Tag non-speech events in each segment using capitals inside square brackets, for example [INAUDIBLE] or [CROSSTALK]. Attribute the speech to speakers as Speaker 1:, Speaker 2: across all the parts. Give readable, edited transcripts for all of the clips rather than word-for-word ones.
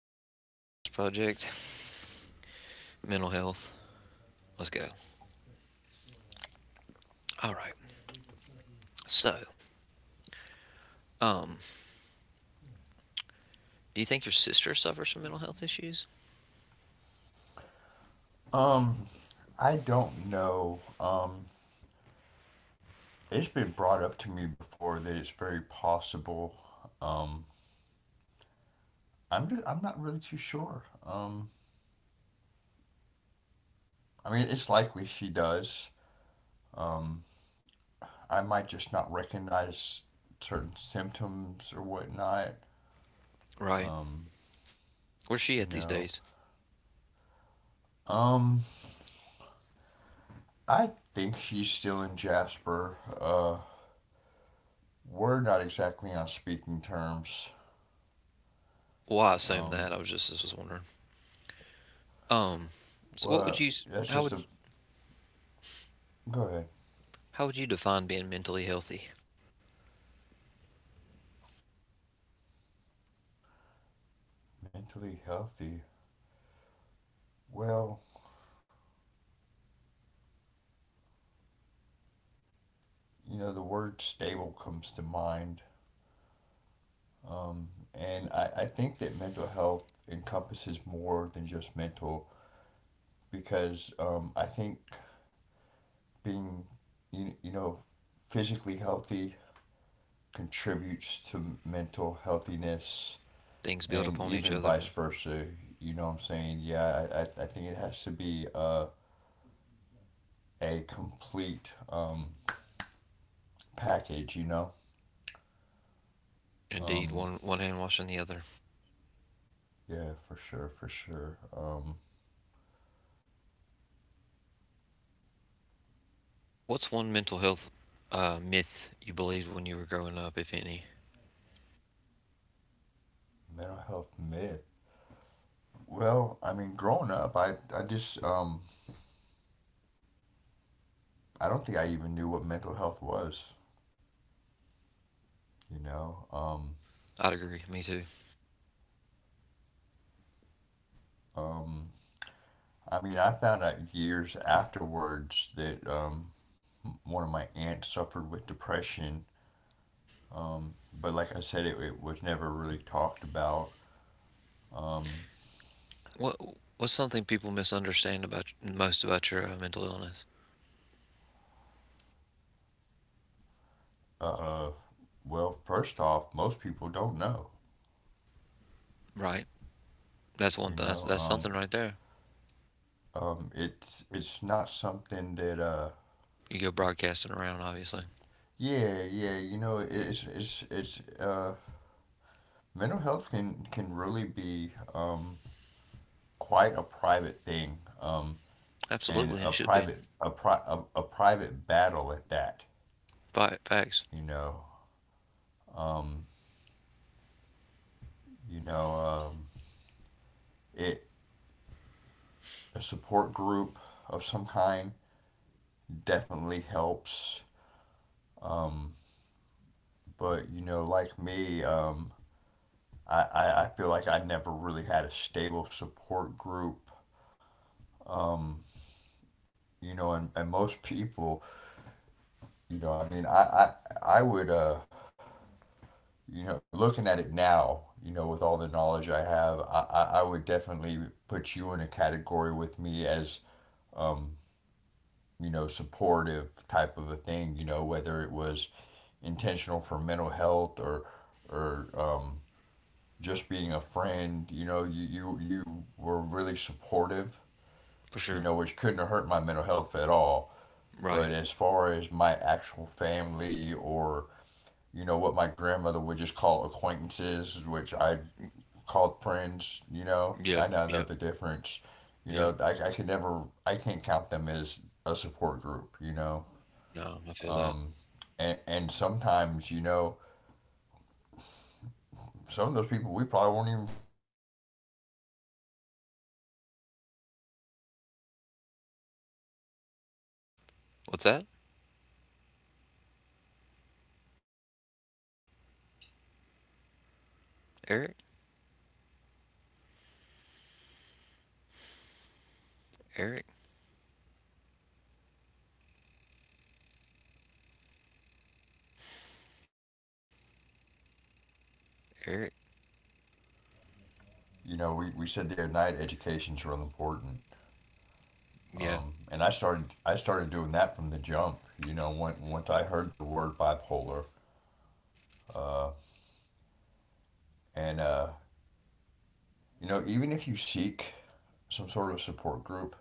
Speaker 1: Agents Only Podcast Project, mental health. Let's go. All right. So, um, do you think your sister suffers from mental health issues?
Speaker 2: Um, I don't know. It's been brought up to me before that it's very possible. Um, I'm not really too sure. I mean, it's likely she does. Um, I might just not recognize certain symptoms or whatnot.
Speaker 1: Right.
Speaker 2: Um,
Speaker 1: Where's she at
Speaker 2: you
Speaker 1: these
Speaker 2: know.
Speaker 1: days?
Speaker 2: Um, I think she's still in Jasper. We're not exactly on speaking terms.
Speaker 1: Well, I assume
Speaker 2: Um,
Speaker 1: that. I was just was wondering. Um, so what would you,
Speaker 2: yep.
Speaker 1: how would,
Speaker 2: Go ahead.
Speaker 1: how would you define being mentally healthy?
Speaker 2: Mentally healthy. Well, you know, the word stable comes to mind. Um, and I think that mental health encompasses more than just mental because I think being, you know, physically healthy contributes to mental healthiness
Speaker 1: Things build
Speaker 2: and
Speaker 1: upon each
Speaker 2: even
Speaker 1: other.
Speaker 2: vice versa. You know what I'm saying? Yeah, I think it has to be a complete package, you know?
Speaker 1: Indeed,
Speaker 2: Um,
Speaker 1: one hand washing the other.
Speaker 2: yeah, for sure, for sure.
Speaker 1: What's one mental health myth you believed when you were growing up, if any?
Speaker 2: Mental health myth. Well, I mean, growing up, I just I don't think I even knew what mental health was, you know?
Speaker 1: I'd agree. Me too.
Speaker 2: um, I mean, I found out years afterwards that one of my aunts suffered with depression. Um, but like I said, it was never really talked about. Um,
Speaker 1: What what's something people misunderstand about most about your mental illness?
Speaker 2: uh, well, first off, most people don't know,
Speaker 1: Right. That's one.
Speaker 2: you
Speaker 1: Th- that's
Speaker 2: know?
Speaker 1: that's something right there.
Speaker 2: It's not something that
Speaker 1: You go broadcasting around, obviously.
Speaker 2: yeah yeah you know it- it's mental health can really be quite a private thing, and
Speaker 1: Absolutely,
Speaker 2: a
Speaker 1: it should be.
Speaker 2: private a, pri- a private battle at that.
Speaker 1: Fi facts
Speaker 2: You know, um, you know, it a support group of some kind definitely helps. Um, but you know, like me, I feel like I never really had a stable support group. Um, you know, and most people, you know, I mean, I would, you know, looking at it now, you know, with all the knowledge I have, I would definitely put you in a category with me as, um, you know, supportive type of a thing, you know, whether it was intentional for mental health or just being a friend, you know, you were really supportive,
Speaker 1: for
Speaker 2: you
Speaker 1: sure.
Speaker 2: know, which couldn't have hurt my mental health at all. But
Speaker 1: Right.
Speaker 2: as far as my actual family or, you know, what my grandmother would just call acquaintances, which I called friends, you know,
Speaker 1: Yep.
Speaker 2: I now know
Speaker 1: Yep.
Speaker 2: the difference. You know,
Speaker 1: Yep.
Speaker 2: I can't count them as a support group, you know.
Speaker 1: No, I feel that.
Speaker 2: Um, and sometimes, you know, some of those people, we probably weren't even friends. We were just in the same thing, you know. We hung out and did the same things together, and that was, you know, it, that what we
Speaker 1: What's
Speaker 2: supported
Speaker 1: that?
Speaker 2: each other in the wrong things. [LAUGHS] And, you know,
Speaker 1: Eric.
Speaker 2: probably to the detriment of mental health.
Speaker 1: Eric.
Speaker 2: Um, so yeah, it can be a very private battle. I mean, uh,
Speaker 1: Eric.
Speaker 2: you know, we said the other night education's real important.
Speaker 1: Yeah.
Speaker 2: And I started doing that from the jump. You know, when, once I heard the word bipolar, uh, and you know, even if you seek some sort of support group,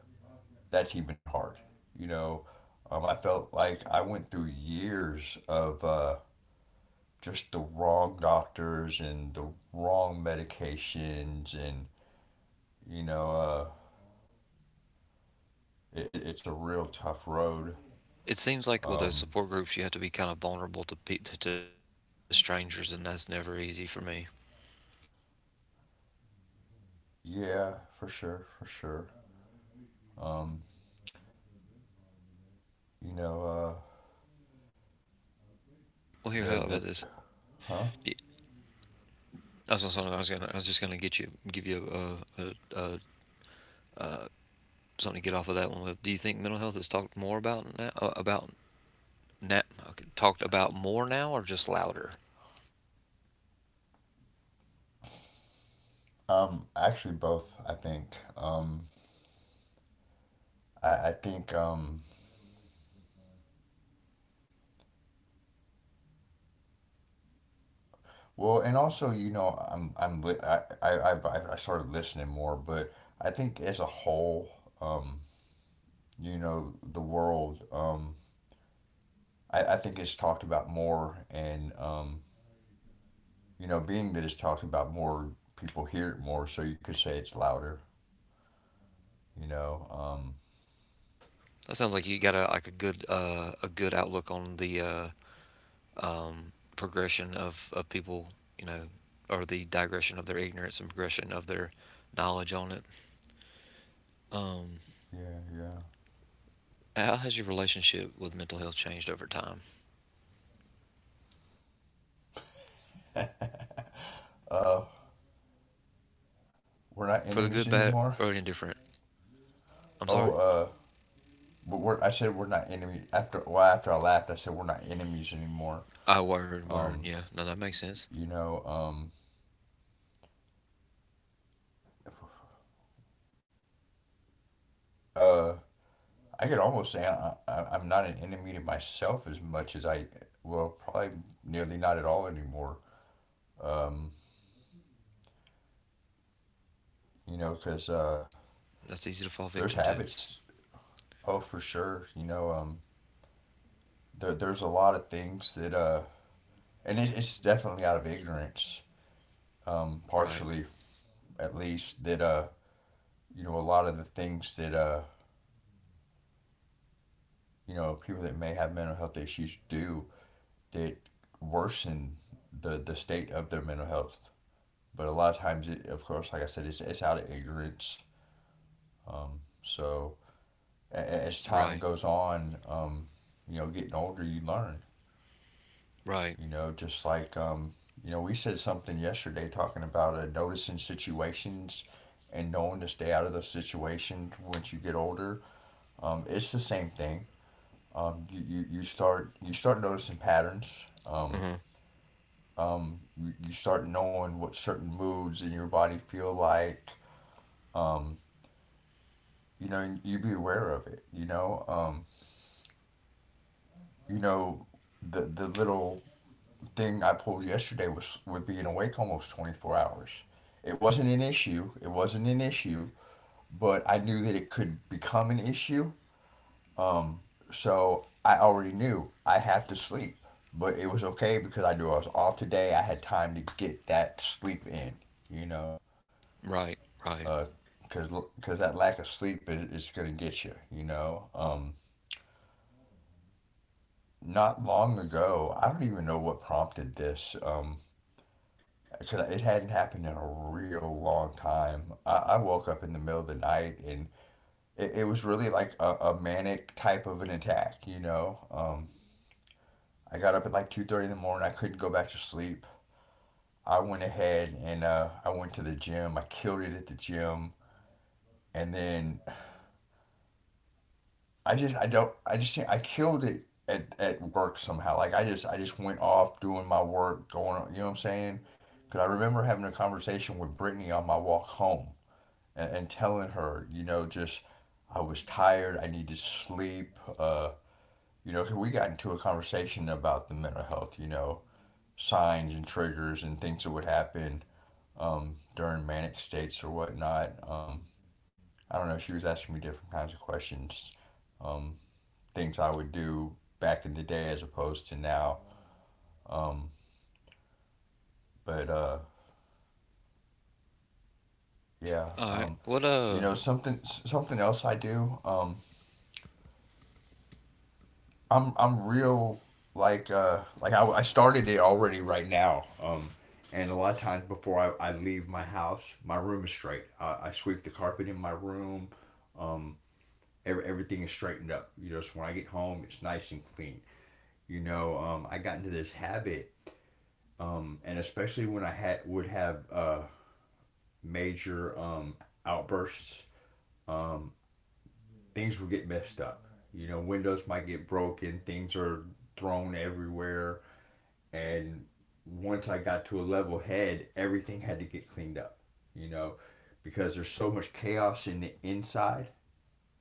Speaker 2: that's even hard. You know, I felt like I went through years of just the wrong doctors and the wrong medications, and you know, it's a real tough road.
Speaker 1: It seems like with those
Speaker 2: Um,
Speaker 1: support groups, you have to be kind of vulnerable to to strangers, and that's never easy for me.
Speaker 2: Yeah, for sure, for sure. Um, you know,
Speaker 1: Well, here, how
Speaker 2: the
Speaker 1: about this? Y-
Speaker 2: Huh?
Speaker 1: I was just gonna give you a, a, a something to get off of that one with. Do you think mental health is talked more about now? About now, okay, talked about more now, or just louder?
Speaker 2: Actually, both. I think. I think. Well, and also, you know, I'm li- I started listening more, but I think as a whole, um, you know, the world, I think it's talked about more, and you know, being that it's talked about more, people hear it more, so you could say it's louder. You know.
Speaker 1: That sounds like you got a good outlook on the progression of people, you know, or the digression of their ignorance and progression of their knowledge on it. Um,
Speaker 2: Yeah, yeah.
Speaker 1: how has your relationship with mental health changed over time,
Speaker 2: Uh, We're not
Speaker 1: for the good,
Speaker 2: enemies
Speaker 1: bad,
Speaker 2: anymore.
Speaker 1: or indifferent? I'm
Speaker 2: Oh,
Speaker 1: sorry.
Speaker 2: but we're, I said we're not enemy after. Well, after I laughed, I said we're not enemies anymore.
Speaker 1: Oh, word, word,
Speaker 2: Um,
Speaker 1: yeah. No, that makes sense.
Speaker 2: you know, um, uh, I could almost say I'm not an enemy to myself as much as I. Well, probably nearly not at all anymore. Um, you know, because
Speaker 1: That's easy to fall
Speaker 2: there's
Speaker 1: victim to.
Speaker 2: habits. Oh, for sure. You know, there's a lot of things that and it's definitely out of ignorance,
Speaker 1: Right,
Speaker 2: partially at least that, you know, a lot of the things that, you know, people that may have mental health issues do that worsen the state of their mental health. But a lot of times, of course, like I said, it's out of ignorance. So as time
Speaker 1: right,
Speaker 2: goes on, you know, getting older, you learn,
Speaker 1: right.
Speaker 2: you know, just like, you know, we said something yesterday talking about noticing situations and knowing to stay out of those situations once you get older. It's the same thing. Um, you start noticing patterns.
Speaker 1: Hmm.
Speaker 2: You you, start knowing what certain moods in your body feel like. Um, you know, you be aware of it. You know the little thing I pulled yesterday was with being awake almost 24 hours. It wasn't an issue. It wasn't an issue, but I knew that it could become an issue. Um, so I already knew I have to sleep, but it was okay because I knew I was off today. I had time to get that sleep in, you know,
Speaker 1: Right, right.
Speaker 2: because that lack of sleep is going to get you, you know. Not long ago, I don't even know what prompted this. 'Cause it hadn't happened in a real long time. I woke up in the middle of the night and it was really like a manic type of an attack, you know. I got up at like 2:30 in the morning. I couldn't go back to sleep. I went ahead and I went to the gym. I killed it at the gym, and then I just I don't I just I killed it at work somehow. Like I just went off doing my work, going on. You know what I'm saying? Because I remember having a conversation with Brittany on my walk home and telling her, you know, just I was tired. I needed sleep. Uh, you know, because we got into a conversation about the mental health. You know, signs and triggers and things that would happen during manic states or whatnot. I don't know. She was asking me different kinds of questions, um, things I would do back in the day as opposed to now. Um, but uh, yeah,
Speaker 1: All right.
Speaker 2: um,
Speaker 1: What
Speaker 2: you know, something else I do. I'm real like I started it already right now. And a lot of times before I leave my house, my room is straight. I sweep the carpet in my room. Um, everything is straightened up. You know, so when I get home, it's nice and clean. You know, I got into this habit, and especially when I had would have major outbursts, um, things would get messed up. You know, windows might get broken, things are thrown everywhere, and once I got to a level head, everything had to get cleaned up. You know, because there's so much chaos in the inside.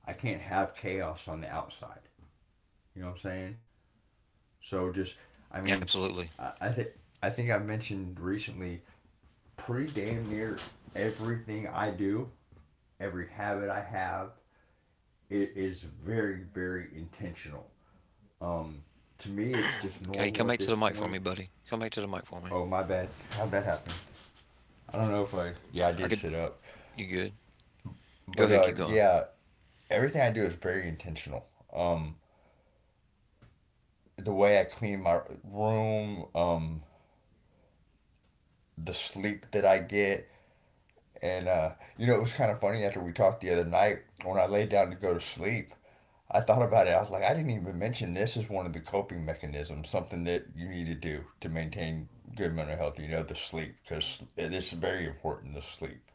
Speaker 2: I can't have chaos on the outside. You know what I'm saying? So just, I mean,
Speaker 1: Absolutely.
Speaker 2: I, think I think I've mentioned recently, pretty damn near everything I do, every habit I have, it is very very intentional. Um, to me, it's just
Speaker 1: Hey, come
Speaker 2: normal at
Speaker 1: back to the
Speaker 2: this
Speaker 1: mic for me,
Speaker 2: point.
Speaker 1: buddy. Come back to the mic for me.
Speaker 2: Oh my bad, how'd that happen? I don't know if I, yeah, I
Speaker 1: I
Speaker 2: did
Speaker 1: could
Speaker 2: sit up,
Speaker 1: You good? Go
Speaker 2: but
Speaker 1: ahead,
Speaker 2: uh,
Speaker 1: keep going.
Speaker 2: yeah, everything I do is very intentional. Um, the way I clean my room, the sleep that I get. And you know, it was kind of funny after we talked the other night when I laid down to go to sleep. I thought about it. I was like, I didn't even mention this is one of the coping mechanisms, something that you need to do to maintain good mental health. You know, the sleep, because it's very important the sleep.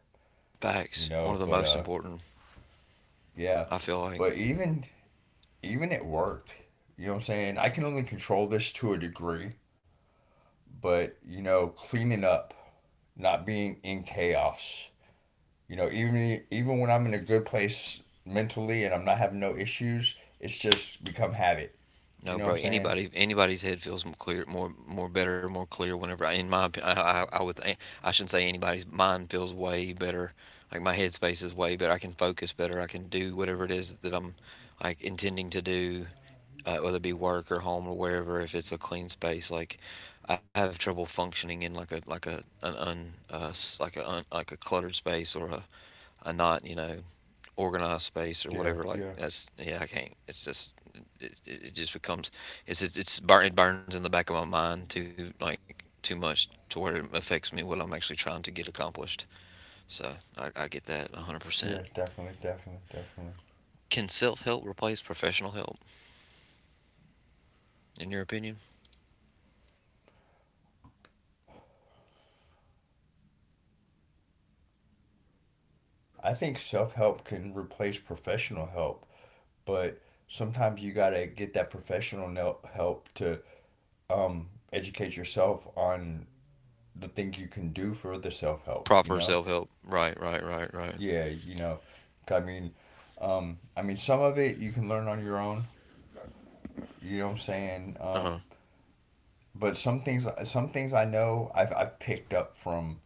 Speaker 2: You
Speaker 1: Facts. One of
Speaker 2: know,
Speaker 1: the
Speaker 2: but
Speaker 1: most important,
Speaker 2: yeah,
Speaker 1: I feel like.
Speaker 2: but even at work, you know what I'm saying. I can only control this to a degree, but you know, cleaning up, not being in chaos. You know, even when I'm in a good place mentally and I'm not having no issues, it's just become habit.
Speaker 1: No,
Speaker 2: You know what
Speaker 1: bro.
Speaker 2: I'm saying?
Speaker 1: Anybody's head feels more clear, more better, more clear. Whenever I, in my, opi- I, I would, think- I shouldn't say anybody's. Mine feels way better. Like my headspace is way better. I can focus better. I can do whatever it is that I'm, like intending to do, whether it be work or home or wherever. If it's a clean space, like I have trouble functioning in like a cluttered space or a not organized space or
Speaker 2: Yeah,
Speaker 1: whatever like
Speaker 2: yeah,
Speaker 1: that's. Yeah, I can't. It's just it just becomes it burns in the back of my mind too like too much to where it affects me what I'm actually trying to get accomplished. So I get that 100%.
Speaker 2: yeah, definitely, definitely, definitely.
Speaker 1: Can self-help replace professional help, in your opinion?
Speaker 2: I think self help can replace professional help, but sometimes you gotta get that professional help to um, educate yourself on the things you can do for the self help. You
Speaker 1: Proper
Speaker 2: know?
Speaker 1: self-help. Right, right, right, right.
Speaker 2: Yeah, you know. I mean, some of it you can learn on your own. You know what I'm saying? Um,
Speaker 1: Uh-huh.
Speaker 2: but some things I know I've picked up from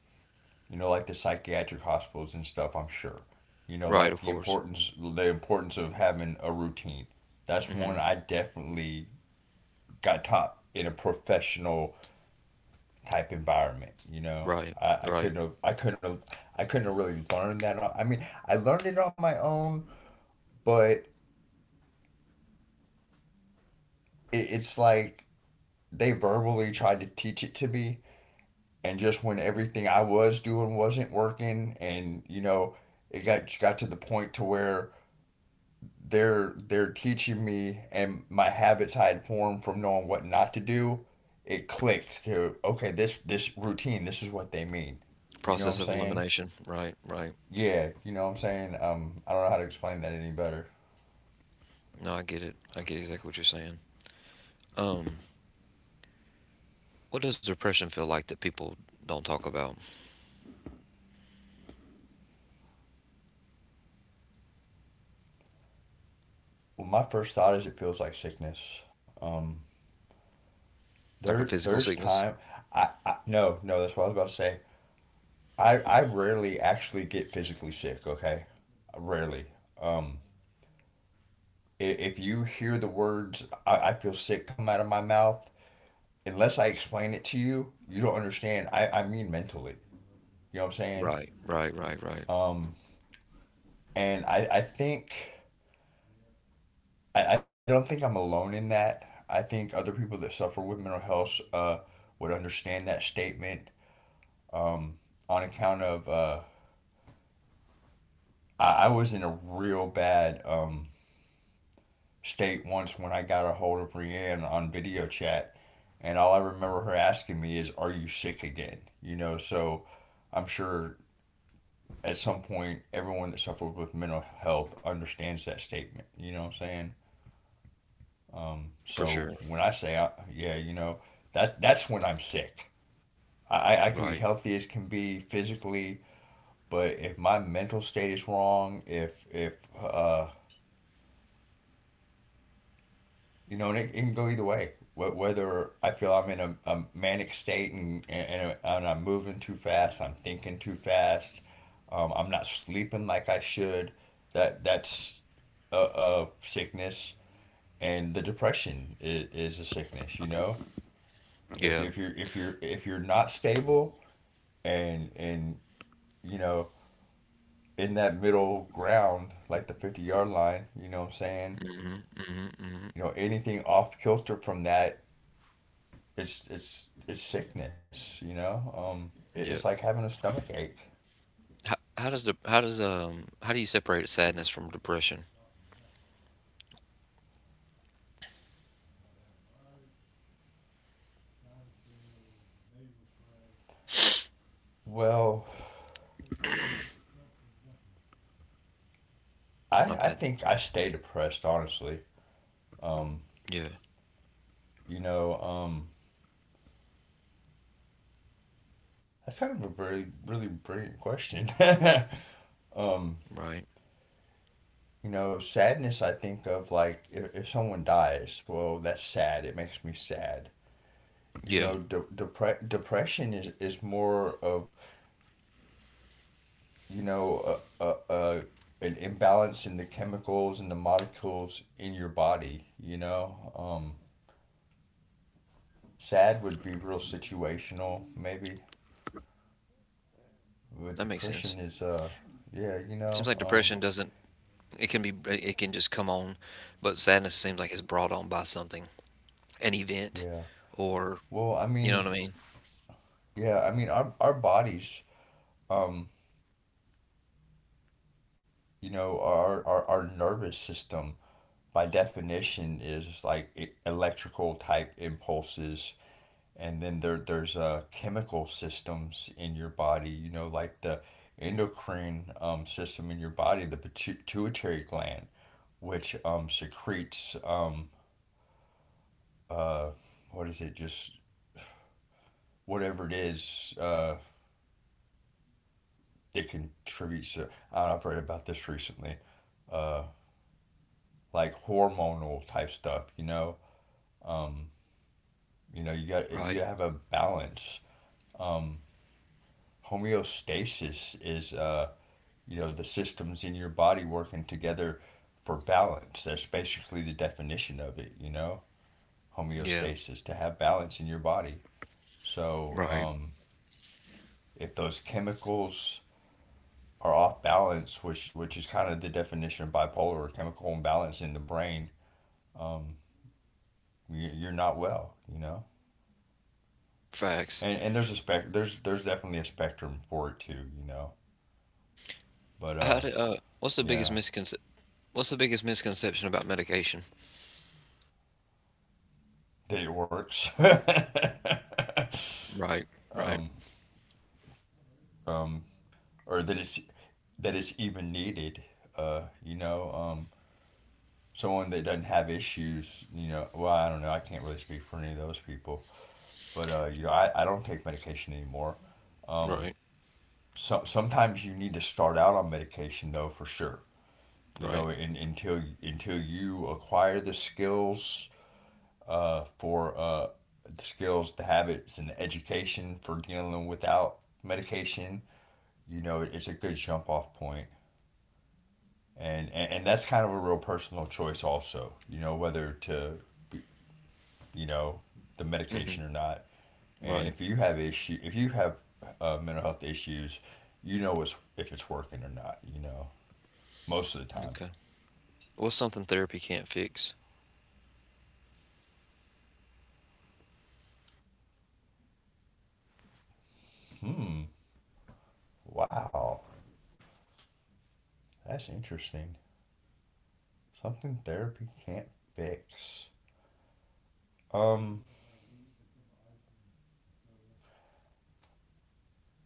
Speaker 2: you know like the psychiatric hospitals and stuff. I'm sure you know
Speaker 1: Right,
Speaker 2: like
Speaker 1: of
Speaker 2: the
Speaker 1: course.
Speaker 2: importance the importance of having a routine. That's one
Speaker 1: Mm-hmm.
Speaker 2: I definitely got taught in a professional type environment, you know.
Speaker 1: Right,
Speaker 2: I
Speaker 1: right.
Speaker 2: couldn't have I couldn't have I couldn't have really learned that I mean I learned it on my own, but it's like they verbally tried to teach it to me, and just when everything I was doing wasn't working, and you know, it got to the point to where they're teaching me, and my habits I had formed from knowing what not to do, it clicked to okay, this routine, this is what they mean. You know what
Speaker 1: Process
Speaker 2: I'm
Speaker 1: of
Speaker 2: saying?
Speaker 1: elimination. Right, right.
Speaker 2: Yeah, you know what I'm saying. I don't know how to explain that any better.
Speaker 1: No, I get it. I get exactly what you're saying. um What does depression feel like that people don't talk about?
Speaker 2: Well, my first thought is it feels like sickness. Um,
Speaker 1: Like a
Speaker 2: there's
Speaker 1: physical
Speaker 2: time.
Speaker 1: sickness?
Speaker 2: I no no that's what I was about to say. I rarely actually get physically sick. Okay, rarely. I- If you hear the words "I feel sick" come out of my mouth, unless I explain it to you, you don't understand. I mean mentally. You know what I'm saying?
Speaker 1: Right, right, right, right.
Speaker 2: And I think I don't think I'm alone in that. I think other people that suffer with mental health would understand that statement on account of I was in a real bad state once when I got a hold of Rianne on video chat, and all I remember her asking me is, "Are you sick again?" You know, so I'm sure at some point everyone that suffers with mental health understands that statement. You know what I'm saying? So
Speaker 1: For
Speaker 2: when
Speaker 1: sure.
Speaker 2: I say, I, yeah, you know, that's when I'm sick. I
Speaker 1: Right.
Speaker 2: could be healthy as can be physically, but if my mental state is wrong, if uh, you know, and it can go either way. Wh- Whether I feel I'm in a manic state, and I'm moving too fast, I'm thinking too fast, I'm not sleeping like I should, that's a sickness. And the depression is a sickness, you know?
Speaker 1: Yeah.
Speaker 2: If you're if you're if you're not stable and you know in that middle ground like the 50-yard line, you know what I'm saying, you know anything off kilter from that, it's sickness, you know.
Speaker 1: Yeah.
Speaker 2: It's like having a stomach ache.
Speaker 1: How does the how does how do you separate sadness from depression?
Speaker 2: Well,
Speaker 1: My bad.
Speaker 2: I think I stay depressed, honestly. Um,
Speaker 1: Yeah.
Speaker 2: you know, um, that's kind of a really brilliant question. [LAUGHS] um,
Speaker 1: Right.
Speaker 2: you know, sadness. I think of like if someone dies, well, that's sad. It makes me sad. You
Speaker 1: Yeah.
Speaker 2: know, depression is more of you know, an imbalance in the chemicals and the molecules in your body, you know. Sad would be real situational, maybe. But
Speaker 1: That makes sense.
Speaker 2: depression is, yeah, you
Speaker 1: Seems
Speaker 2: know,
Speaker 1: like depression doesn't, it can just come on, but sadness seems like it's brought on by something, an event
Speaker 2: yeah.
Speaker 1: or
Speaker 2: Well, I
Speaker 1: you know
Speaker 2: mean,
Speaker 1: what I mean?
Speaker 2: yeah, I mean, our bodies, um, you know, our nervous system, by definition, is like e- electrical type impulses, and then there's chemical systems in your body, you know, like the endocrine system in your body, the pituitary gland, which secretes uh what is it, just whatever it is that contributes to, I don't know, I've read about this recently, uh like hormonal type stuff, you know. um you know,
Speaker 1: Right.
Speaker 2: you gotta have a balance. um Homeostasis is you know, the systems in your body working together for balance, that's basically the definition of it, you know.
Speaker 1: Yeah.
Speaker 2: Homeostasis, to have balance in your body. so
Speaker 1: Right.
Speaker 2: um, if those chemicals are off balance, which is kind of the definition of bipolar, chemical imbalance in the brain. um, you- are not well, you know.
Speaker 1: Facts.
Speaker 2: And there's definitely a spectrum for it too, you know, but
Speaker 1: How do, what's the biggest
Speaker 2: yeah.
Speaker 1: misconception What's the biggest misconception about medication?
Speaker 2: That it works. [LAUGHS]
Speaker 1: Right, right,
Speaker 2: Or that it's even needed. Uh, you know, um, Someone that doesn't have issues. You know, well, I don't know. I can't really speak for any of those people, but you know, I don't take medication anymore.
Speaker 1: right,
Speaker 2: So, sometimes you need to start out on medication though, for sure. You know,
Speaker 1: right.
Speaker 2: until you acquire the skills for the skills, the habits, and the education for dealing without medication. You know, it's a good jump off point. And that's kind of a real personal choice also, you know, whether to, you know, the
Speaker 1: Hmm.
Speaker 2: medication or not. And
Speaker 1: Right.
Speaker 2: if you have issue, if you have mental health issues, you know, it's, if it's working or not, you know, most of the time.
Speaker 1: Okay. What's something therapy can't fix?
Speaker 2: Hmm. Wow. That's interesting. Something therapy can't fix. um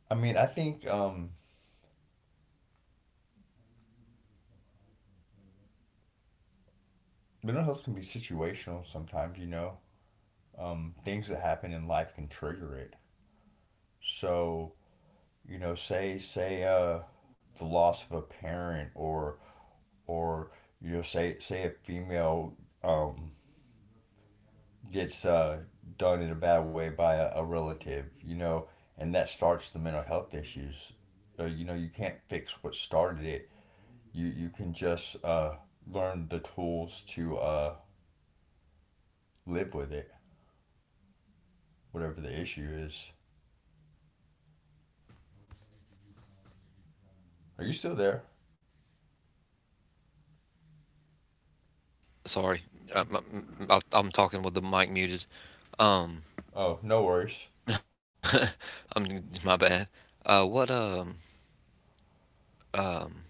Speaker 2: I mean, I think mental health can be situational sometimes, you know. Things that happen in life can trigger it. So you know, say say the loss of a parent or you know, say say a female um, gets done in a bad way by a relative, you know, and that starts the mental health issues. You know, you can't fix what started it. You can just learn the tools to live with it, whatever the issue is. Are you still there?
Speaker 1: Sorry, I'm, I'm talking with the mic muted. Um,
Speaker 2: Oh, no worries.
Speaker 1: [LAUGHS] I'm my bad. What um,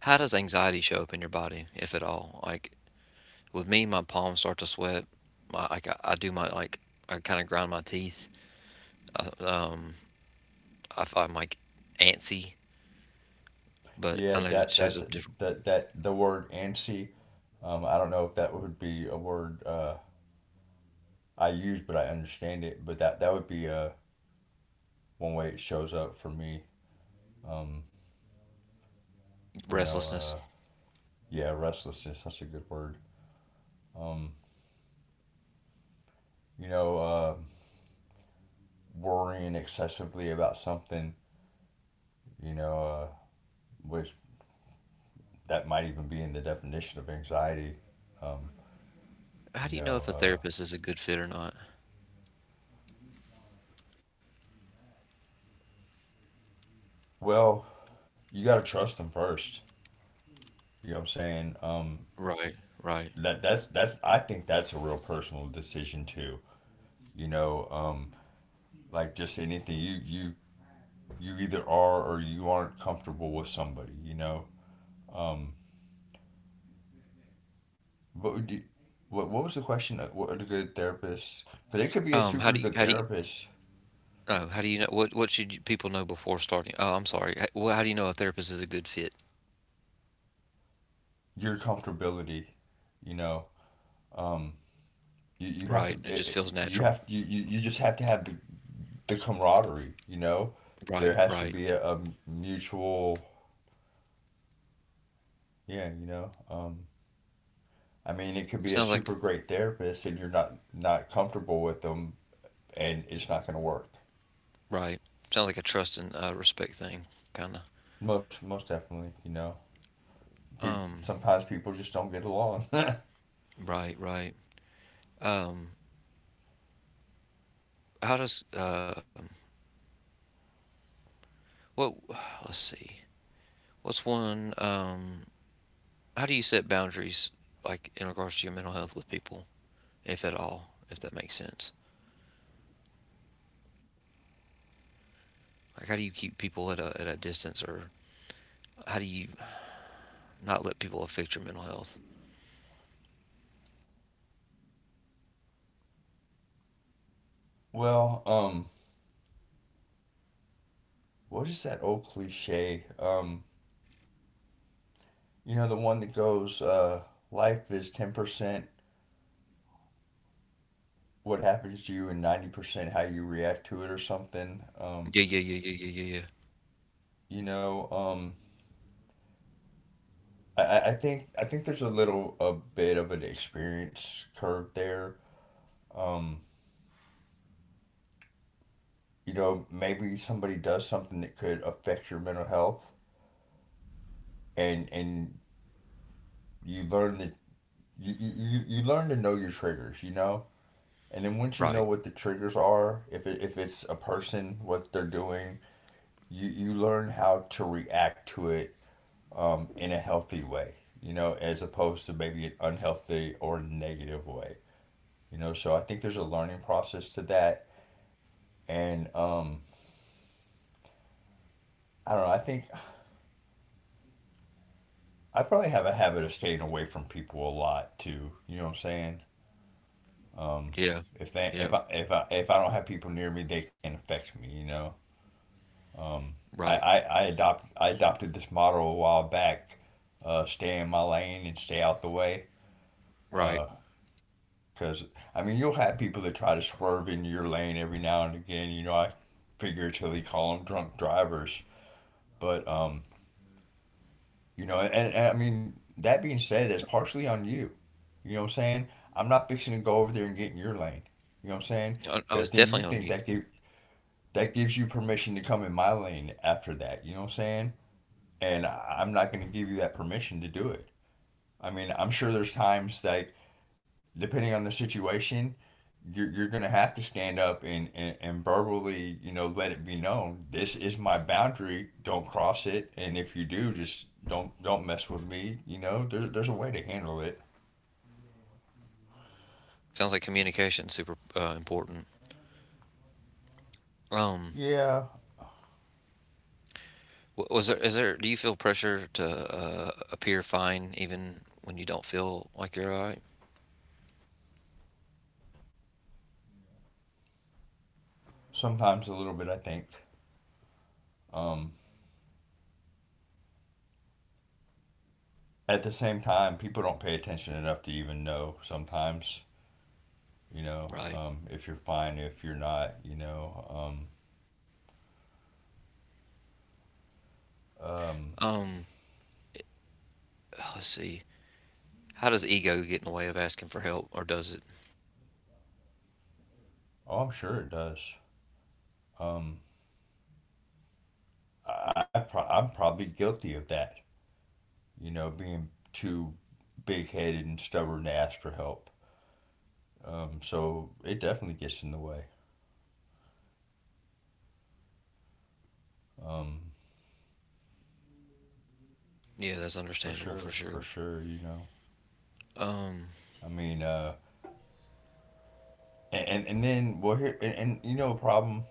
Speaker 1: how does anxiety show up in your body, if at all? Like with me, my palms start to sweat. My like I do my like I kind of grind my teeth. I, um, I'm like antsy, but
Speaker 2: Yeah,
Speaker 1: I know it
Speaker 2: that
Speaker 1: shows
Speaker 2: that's
Speaker 1: up different.
Speaker 2: that that the word antsy, I don't know if that would be a word I use, but I understand it. But that would be one way it shows up for me. Um, you know,
Speaker 1: Restlessness.
Speaker 2: yeah, restlessness. That's a good word. Um, you know, worrying excessively about something. You know, which that might even be in the definition of anxiety. Um,
Speaker 1: How
Speaker 2: you
Speaker 1: do you know
Speaker 2: know,
Speaker 1: if a therapist is a good fit or not?
Speaker 2: well, you gotta trust them first. You know what I'm saying? Um,
Speaker 1: Right, right.
Speaker 2: that that's that's I think that's a real personal decision too. You know, like just anything, you you either are or you aren't comfortable with somebody. You know, what would you? What was the question? What would a good therapist? But they could be a
Speaker 1: Um, how
Speaker 2: super
Speaker 1: do you,
Speaker 2: good
Speaker 1: how do you,
Speaker 2: therapist.
Speaker 1: no, how do you know what should people know before starting? Oh, I'm sorry. Well, how do you know a therapist is a good fit?
Speaker 2: Your comfortability, you know, um, you, you have to
Speaker 1: Right. It
Speaker 2: it,
Speaker 1: just feels
Speaker 2: it- you
Speaker 1: natural.
Speaker 2: have you, you, you just have to have the camaraderie. You know, there
Speaker 1: Right,
Speaker 2: has to
Speaker 1: right.
Speaker 2: be a mutual, yeah. You know, I mean, it could be a
Speaker 1: Sounds like
Speaker 2: super great therapist, and you're not not comfortable with them, and it's not gonna work.
Speaker 1: right. Sounds like a trust and respect thing, kind
Speaker 2: Most most definitely, you know.
Speaker 1: of.
Speaker 2: People, sometimes people just don't get along. [LAUGHS]
Speaker 1: Right, right. Um, how does What? Let's see. What's one? How do you set boundaries, like in regards to your mental health with people, if at all, if that makes sense? Like, how do you keep people at a distance, or how do you not let people affect your mental health?
Speaker 2: Well, what is that old cliche? You know, the one that goes, life is 10% what happens to you, and 90% how you react to it, or something.
Speaker 1: Yeah, yeah, yeah, yeah, yeah, yeah, yeah.
Speaker 2: You know, um, I think I think there's a little a bit of an experience curve there. Um, you know, maybe somebody does something that could affect your mental health, and you learn that you learn to know your triggers. You know, and then once you know
Speaker 1: Right.
Speaker 2: what the triggers are, if it's a person, what they're doing, you learn how to react to it, in a healthy way, you know, as opposed to maybe an unhealthy or negative way, you know. So I think there's a learning process to that. And I don't know, I think I probably have a habit of staying away from people a lot too, you know what I'm saying? Um,
Speaker 1: Yeah.
Speaker 2: if they if
Speaker 1: Yeah.
Speaker 2: I don't have people near me, they can't affect me, you know. Um,
Speaker 1: Right.
Speaker 2: I adopted this model a while back, stay in my lane and stay out the way.
Speaker 1: Right.
Speaker 2: Because, uh, I mean, you'll have people that try to swerve into your lane every now and again. You know, I figuratively call them drunk drivers. But, you know, and I mean, that being said, that's partially on you. You know what I'm saying? I'm not fixing to go over there and get in your lane. You know what I'm saying?
Speaker 1: I
Speaker 2: Because
Speaker 1: was
Speaker 2: then you
Speaker 1: definitely on
Speaker 2: think
Speaker 1: you.
Speaker 2: that that gives you permission to come in my lane after that. You know what I'm saying? And I- am not going to give you that permission to do it. I mean, I'm sure there's times like depending on the situation, you're going to have to stand up and verbally, you know, let it be known. This is my boundary. Don't cross it. And if you do, just don't mess with me. You know, there's a way to handle it.
Speaker 1: Sounds like communication super important. Um,
Speaker 2: Yeah.
Speaker 1: wa- was there is there do you feel pressure to appear fine even when you don't feel like you're all right?
Speaker 2: Sometimes a little bit, I think. Um, at the same time, people don't pay attention enough to even know sometimes, you know,
Speaker 1: Right.
Speaker 2: if you're fine, if you're not, you know, um,
Speaker 1: Um, let's see. How does ego get in the way of asking for help, or does it?
Speaker 2: Oh, I'm sure it does. Um, I'm probably guilty of that. You know, being too big headed and stubborn to ask for help. So it definitely gets in the way. Um,
Speaker 1: Yeah, that's
Speaker 2: for
Speaker 1: understandable
Speaker 2: sure,
Speaker 1: for
Speaker 2: for
Speaker 1: sure.
Speaker 2: sure. You know,
Speaker 1: Um,
Speaker 2: I mean, and then well, here and you know, A problem.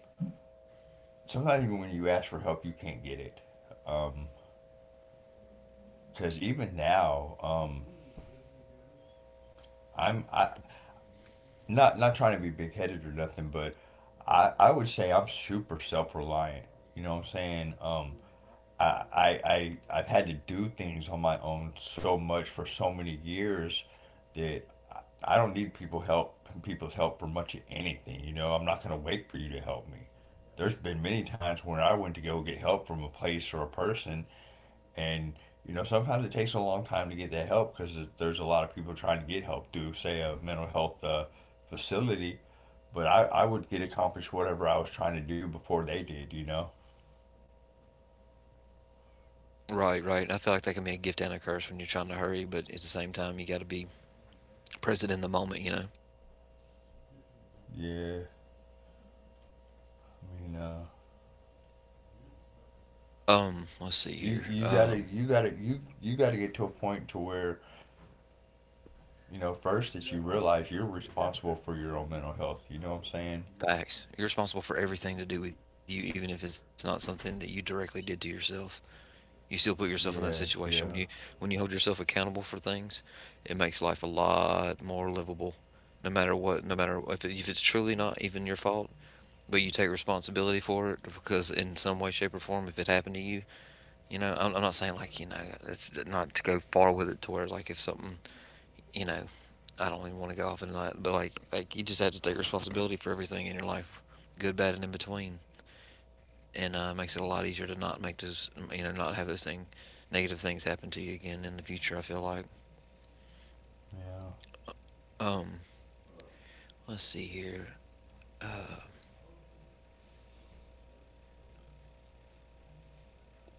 Speaker 2: Sometimes even when you ask for help, you can't get it. Um, because even now, I'm I, not trying to be big headed or nothing, but I would say I'm super self reliant. You know what I'm saying? I've had to do things on my own so much for so many years that I don't need people's help for much of anything. You know, I'm not gonna wait for you to help me. There's been many times when I went to go get help from a place or a person, and you know sometimes it takes a long time to get that help because there's a lot of people trying to get help through say a mental health facility but I would get accomplished whatever I was trying to do before they did. You know?
Speaker 1: Right, right. I feel like that can be a gift and a curse when you're trying to hurry, but at the same time, you got to be present in the moment, you know?
Speaker 2: Yeah. i mean uh,
Speaker 1: Let's see here.
Speaker 2: you gotta get to a point to where you know first that you realize you're responsible for your own mental health. You know what I'm saying?
Speaker 1: Facts. You're responsible for everything to do with you, even if it's not something that you directly did to yourself. You still put yourself in that
Speaker 2: Yeah,
Speaker 1: situation. When you
Speaker 2: yeah,
Speaker 1: when you hold yourself accountable for things, it makes life a lot more livable. No matter what, no matter if it, if it's truly not even your fault, but you take responsibility for it because in some way, shape, or form, if it happened to you, you know, I'm not saying like it's not to go far with it to where like if something, you know, I don't even want to go off and not, but like you just have to take responsibility for everything in your life, good, bad, and in between, and it makes it a lot easier to not make those, you know, not have those negative things happen to you again in the future. I feel like.
Speaker 2: yeah.
Speaker 1: Um, let's see here. Uh,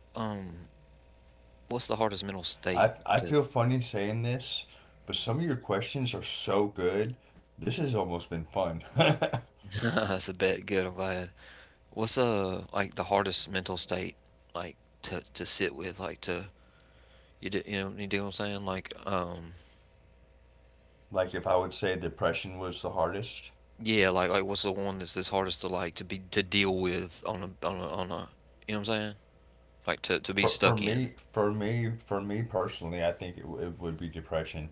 Speaker 1: um, what's the hardest mental state
Speaker 2: I
Speaker 1: to?
Speaker 2: feel funny saying this, but some of your questions are so good. This has almost been fun.
Speaker 1: [LAUGHS] That's a bet. Good. I'm glad. What's like the hardest mental state like to sit with, like to you know, you dig what I'm saying? Like,
Speaker 2: [LAUGHS] Like if I would say depression was the hardest.
Speaker 1: yeah, like what's the one that's this hardest to like to be to deal with on a you know what I'm saying? Like to be
Speaker 2: for for
Speaker 1: stuck in.
Speaker 2: me for me for me personally, I think it would be depression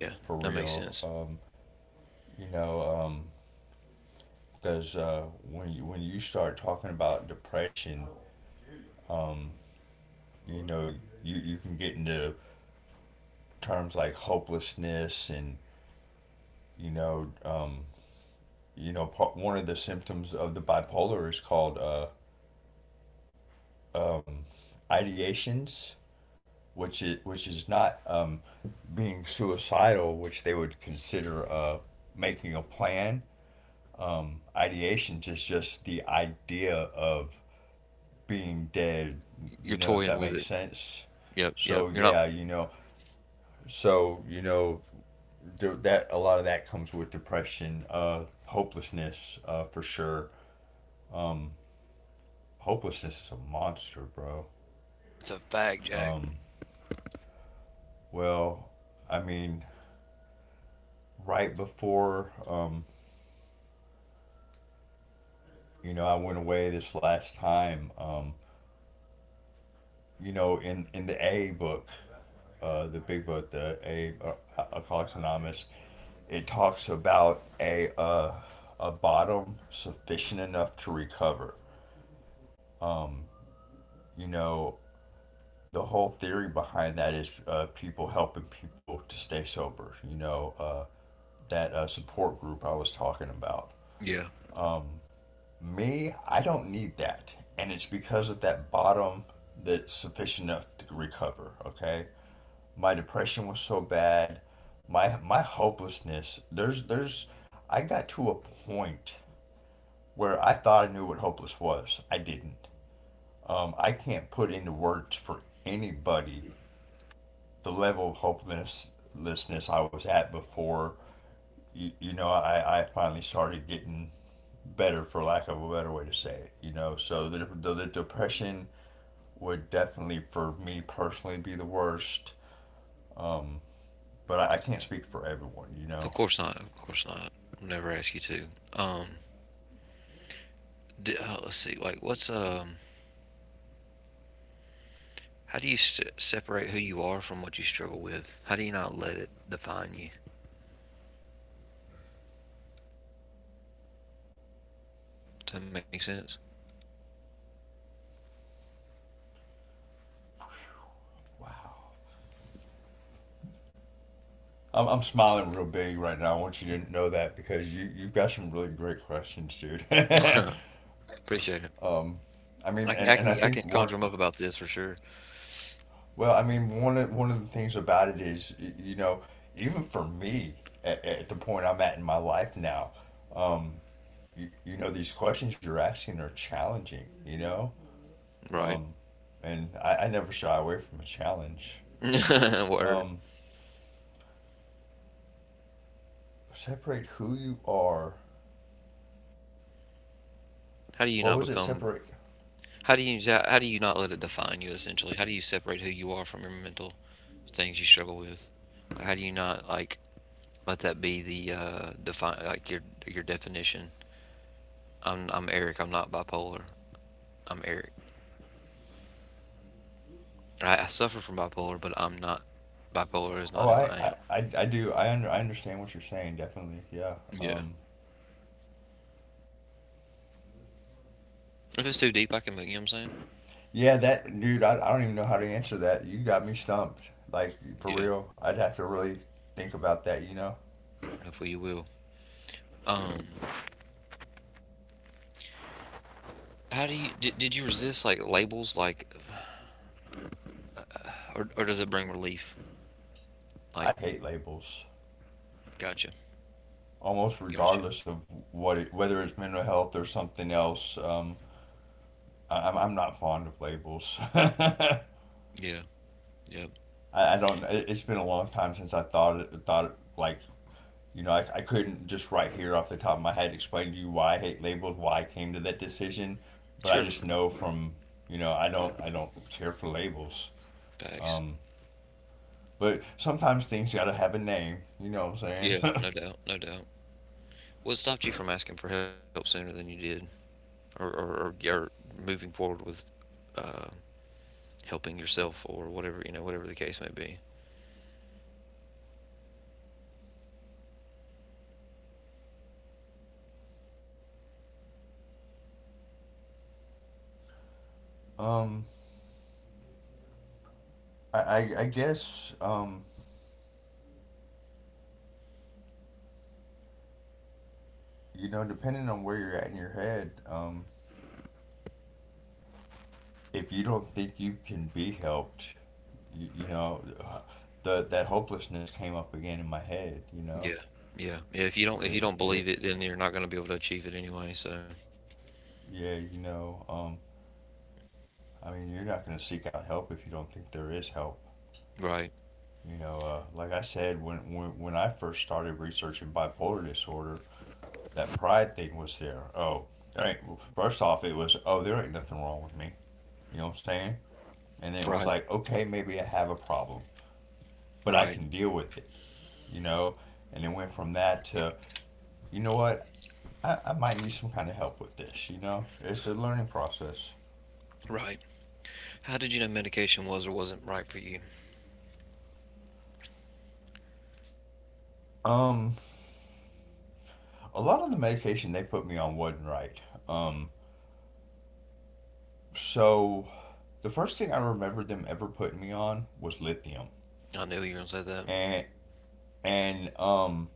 Speaker 1: Yeah,
Speaker 2: for
Speaker 1: that makes
Speaker 2: real.
Speaker 1: sense.
Speaker 2: You know, um, because when you start talking about depression, you know, you can get into terms like hopelessness and you know um, one of the symptoms of the bipolar is called ideations, which is not being suicidal, which they would consider making a plan. Ideations is just the idea of being dead.
Speaker 1: You're
Speaker 2: You know, if
Speaker 1: toying
Speaker 2: that
Speaker 1: with
Speaker 2: makes
Speaker 1: it.
Speaker 2: sense.
Speaker 1: Yep, yep.
Speaker 2: So
Speaker 1: You're not.
Speaker 2: yeah, you know, so you know that a lot of that comes with depression, hopelessness, for sure. Hopelessness is a monster, bro.
Speaker 1: It's a fact, Jack.
Speaker 2: Well, I mean, right before you know, I went away this last time. You know, in the A book, the big book, the A Alcoholics Anonymous, it talks about a bottom sufficient enough to recover. You know, the whole theory behind that is people helping people to stay sober. You know, that support group I was talking about.
Speaker 1: Yeah,
Speaker 2: Me, I don't need that, and it's because of that bottom that's sufficient enough to recover. Okay, my depression was so bad, my hopelessness, there's I got to a point where I thought I knew what hopeless was. I didn't. I can't put into words for anybody the level of hopelessness I was at before you know, I finally started getting better, for lack of a better way to say it. You know, so the depression would definitely for me personally be the worst, but I can't speak for everyone. You
Speaker 1: of
Speaker 2: know?
Speaker 1: course not. Of course not. I'll never ask you to. Um, let's see. Like, what's how do you separate who you are from what you struggle with? How do you not let it define you? Does that make sense?
Speaker 2: Wow. I'm smiling real big right now. I want you to know that, because you've got some really great questions, dude. [LAUGHS] I
Speaker 1: [LAUGHS] Appreciate it. I
Speaker 2: mean,
Speaker 1: can I can
Speaker 2: and I
Speaker 1: I can
Speaker 2: think
Speaker 1: conjure
Speaker 2: one,
Speaker 1: them up about this for sure.
Speaker 2: well, I mean, one of the things about it is, you know, even for me at the point I'm at in my life now, you know, these questions you're asking are challenging, you know,
Speaker 1: Right.
Speaker 2: and I never shy away from a challenge.
Speaker 1: [LAUGHS] Word.
Speaker 2: Um, Separate who you are.
Speaker 1: How do you not
Speaker 2: What was it?
Speaker 1: become
Speaker 2: Separate.
Speaker 1: how do you how do you not let it define you essentially? How do you separate who you are from your mental things you struggle with? How do you not like let that be the define like your definition? I'm Eric, I'm not bipolar. I'm Eric. I suffer from bipolar, but I'm not bipolar is
Speaker 2: Oh,
Speaker 1: not who I am.
Speaker 2: I do. I understand what you're saying. Definitely. Yeah.
Speaker 1: Yeah.
Speaker 2: Um,
Speaker 1: If it's too deep I can you know what I'm saying?
Speaker 2: Yeah, that, dude, I don't even know how to answer that. You got me stumped. Like, for
Speaker 1: Yeah.
Speaker 2: real, I'd have to really think about that, you know?
Speaker 1: Hopefully you will. Um How do you did you resist like labels like or does it bring relief?
Speaker 2: I
Speaker 1: Like,
Speaker 2: hate labels,
Speaker 1: gotcha.
Speaker 2: almost
Speaker 1: Gotcha.
Speaker 2: regardless of whether it's mental health or something else. I'm not fond of labels. [LAUGHS]
Speaker 1: Yeah. Yep.
Speaker 2: I don't, it, It's been a long time since thought it, like, you know, I couldn't just right here off the top of my head explain to you why I hate labels, why I came to that decision, but
Speaker 1: Sure.
Speaker 2: I just know from, you know, I don't care for labels.
Speaker 1: Facts.
Speaker 2: But sometimes things gotta have a name. You know what I'm
Speaker 1: Yeah,
Speaker 2: saying?
Speaker 1: no doubt, no doubt. What stopped you from asking for help sooner than you did or moving forward with uh, helping yourself or whatever, you know, whatever the case may be?
Speaker 2: [LAUGHS] um, I guess, you know, depending on where you're at in your head, if you don't think you can be helped, you know, the that hopelessness came up again in my head. You
Speaker 1: Yeah.
Speaker 2: know,
Speaker 1: Yeah. Yeah, if you don't
Speaker 2: it,
Speaker 1: if you don't
Speaker 2: it,
Speaker 1: believe
Speaker 2: it-
Speaker 1: it, then you're not going to be able to achieve it anyway, so.
Speaker 2: yeah, you know, I mean, you're not gonna seek out help if you don't think there is help.
Speaker 1: Right.
Speaker 2: You know, like I said, when I first started researching bipolar disorder, that pride thing was there. Oh, there ain't, First off, it was, oh, there ain't nothing wrong with me. You know what I'm saying? And it was
Speaker 1: Right.
Speaker 2: like, okay, maybe I have a problem, but I
Speaker 1: Right.
Speaker 2: can deal with it, you know? And it went from that to, you know what? I might need some kind of help with this, you know? It's a learning process.
Speaker 1: Right. How did you know medication was or wasn't right for you?
Speaker 2: Um, a lot of the medication they put me on wasn't right. Um, so the first thing I remember them ever putting me on was lithium.
Speaker 1: I knew you were going to say that.
Speaker 2: And, and, um,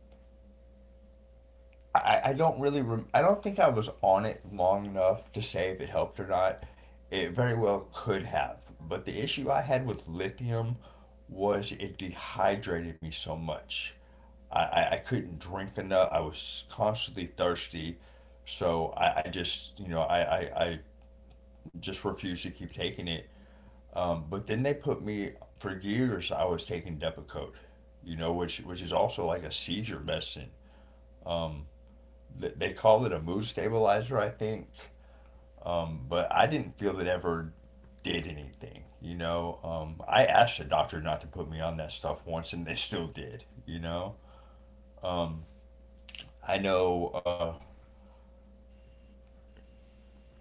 Speaker 2: I don't really I don't think I was on it long enough to say if it helped or not. It very well could have, but the issue I had with lithium was it dehydrated me so much. I couldn't drink enough. I was constantly thirsty, so I just you know I just refused to keep taking it. But then they put me for years. I was taking Depakote, you know, which is also like a seizure medicine they call it a mood stabilizer, I think. But I didn't feel it ever did anything. You know, I asked the doctor not to put me on that stuff once, and they still did. You know, I know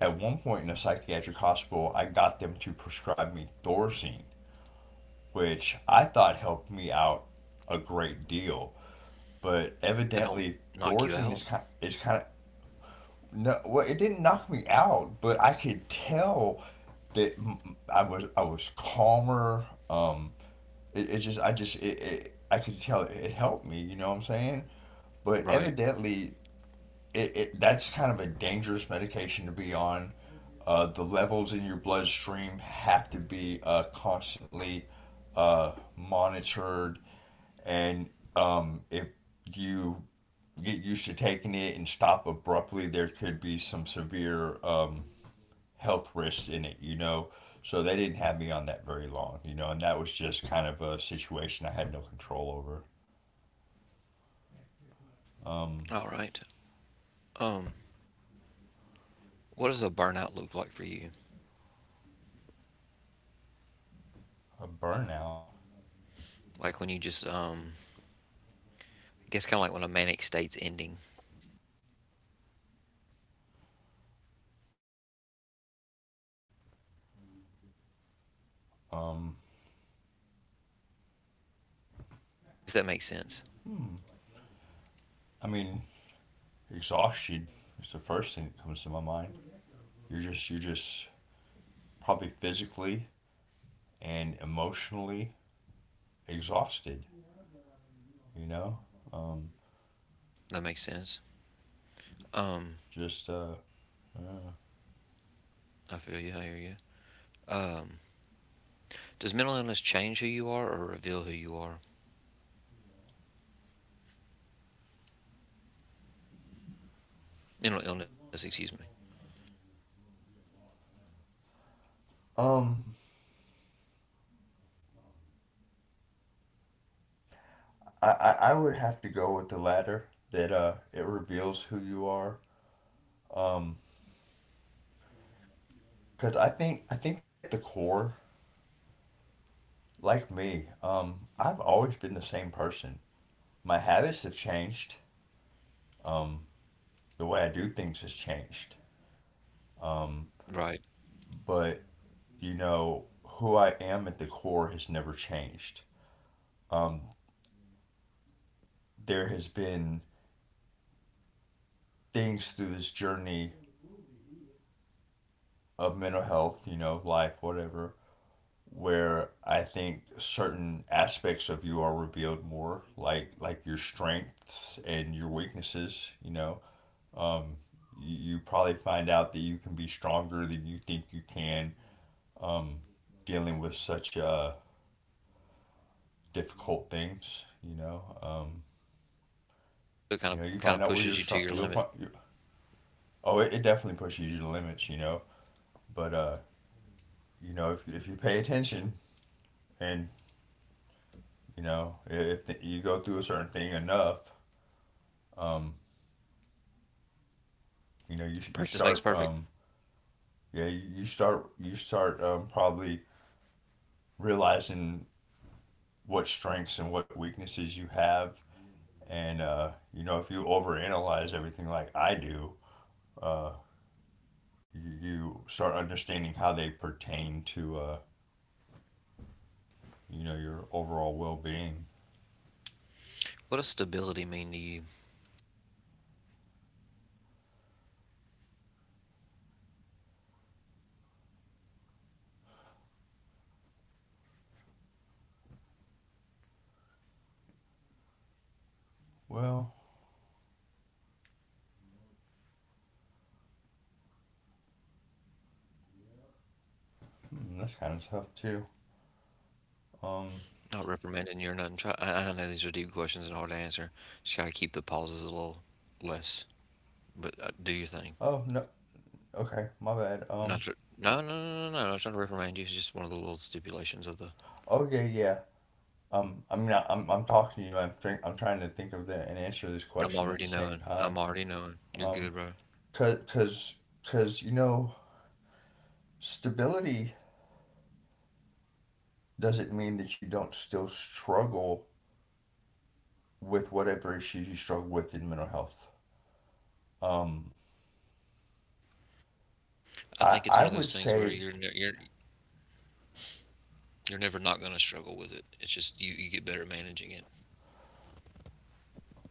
Speaker 2: at one point in a psychiatric hospital, I got them to prescribe me Thorazine, which I thought helped me out a great deal. But
Speaker 1: That
Speaker 2: evidently,
Speaker 1: don't knock you
Speaker 2: Thorazine
Speaker 1: out?
Speaker 2: is kind of No, well, it didn't knock me out, but I could tell that I was calmer. It, I could tell it helped me. You know what I'm saying? But
Speaker 1: Right.
Speaker 2: evidently, it that's kind of a dangerous medication to be on. The levels in your bloodstream have to be constantly monitored, and if you get used to taking it and stop abruptly, there could be some severe health risks in it. You know, so they didn't have me on that very long. You know, and that was just kind of a situation I had no control over. Um,
Speaker 1: All right. Um, what does a burnout look like for you?
Speaker 2: a burnout.
Speaker 1: Like when you I guess kind of like when a manic state's ending,
Speaker 2: Um,
Speaker 1: if that makes sense.
Speaker 2: I mean, exhaustion is the first thing that comes to my mind. You're just probably physically and emotionally exhausted. You know, um,
Speaker 1: That makes sense. Um,
Speaker 2: just uh,
Speaker 1: I feel you. I hear you. Um, does mental illness change who you are or reveal who you are? Mental illness, excuse me.
Speaker 2: um, I would have to go with the latter, that it reveals who you are. Um, Cause I think at the core, like me, I've always been the same person. My habits have changed. Um, the way I do things has changed. Um,
Speaker 1: Right.
Speaker 2: but you know, who I am at the core has never changed. Um, there has been things through this journey of mental health, you know, life, whatever, where I think certain aspects of you are revealed more, like your strengths and your weaknesses. You know, um, you probably find out that you can be stronger than you think you can. Um, Dealing with such difficult things, you know,
Speaker 1: So it
Speaker 2: you
Speaker 1: kind
Speaker 2: know,
Speaker 1: of
Speaker 2: you find
Speaker 1: kind of
Speaker 2: out where you're
Speaker 1: pushes you
Speaker 2: strong.
Speaker 1: to your
Speaker 2: You'll
Speaker 1: limit.
Speaker 2: Oh, it definitely pushes you to limits, you know. But you know, if you pay attention and you know if the, you go through a certain thing enough, um, you know,
Speaker 1: Practice
Speaker 2: you
Speaker 1: makes perfect.
Speaker 2: start yeah, you start probably realizing what strengths and what weaknesses you have, and you know, if you overanalyze everything like I do, uh, you start understanding how they pertain to you know, your overall well being.
Speaker 1: What does stability mean to you?
Speaker 2: Well, hmm, that's kind of tough too. Um,
Speaker 1: Not reprimanding you or nothing. Try, I know these are deep questions and hard to answer. Just gotta keep the pauses a little less. But do your thing.
Speaker 2: Oh no. Okay, my bad.
Speaker 1: Not tr- No, no, no, no, no. Not trying to reprimand you. It's just one of the little stipulations of the.
Speaker 2: Okay. Yeah. I mean, I'm talking to you. I'm trying to think of the and answer this
Speaker 1: I'm
Speaker 2: question at
Speaker 1: already
Speaker 2: the same
Speaker 1: knowing.
Speaker 2: time.
Speaker 1: I'm already knowing. You're
Speaker 2: Um.
Speaker 1: good, bro.
Speaker 2: Cause cause cause stability doesn't mean that you don't still struggle with whatever issues you struggle with in mental health. Um.
Speaker 1: I think
Speaker 2: I
Speaker 1: it's one of
Speaker 2: I
Speaker 1: those
Speaker 2: would
Speaker 1: things where
Speaker 2: say.
Speaker 1: you're never not gonna struggle with it. It's just you get better at managing it.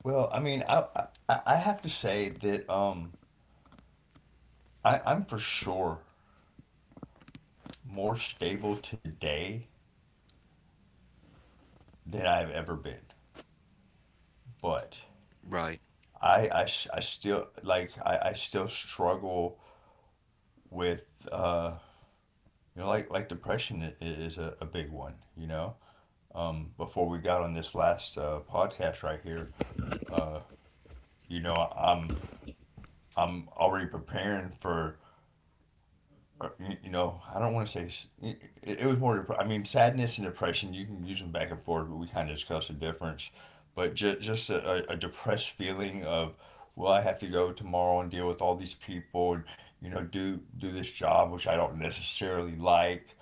Speaker 2: Well, I mean, I have to say that I'm for sure more stable today than I've ever been, but
Speaker 1: Right.
Speaker 2: I still like I still struggle with like depression is a big one. Before we got on this last podcast right here, uh you know I'm I'm already preparing for, I don't want to say it, it was more. I mean, sadness and depression. You can use them back and forth, but we kind of discussed the difference. But just a depressed feeling of, well, I have to go tomorrow and deal with all these people and, do this job which I don't necessarily like,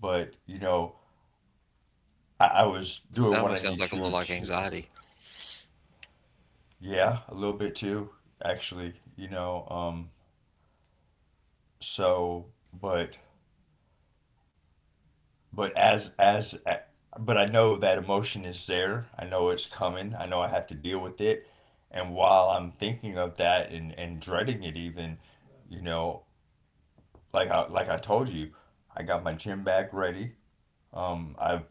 Speaker 2: but I was doing what
Speaker 1: That
Speaker 2: I
Speaker 1: almost
Speaker 2: need
Speaker 1: sounds like a
Speaker 2: to
Speaker 1: little like
Speaker 2: to.
Speaker 1: anxiety.
Speaker 2: Yeah, a little bit too, actually. So but but as but I know that emotion is there. I know it's coming. I know I have to deal with it. And while I'm thinking of that and, dreading it even, you know, like I told you, I got my gym bag ready. I've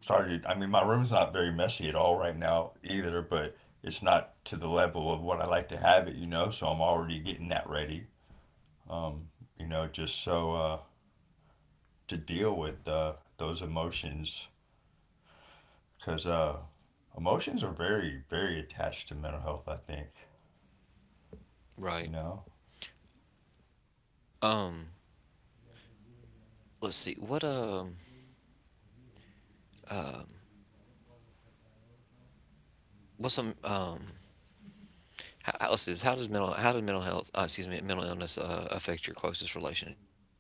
Speaker 2: started. I mean, my room's not very messy at all right now either, but it's not to the level of what I like to have it. So I'm already getting that ready. Um, just so, to deal with, those emotions, because, emotions are very, very attached to mental health, I think. You
Speaker 1: Right.
Speaker 2: know?
Speaker 1: Um. Let's see. What um what's some how, let's see, this, how does mental health, excuse me, mental illness, affect your closest relationships?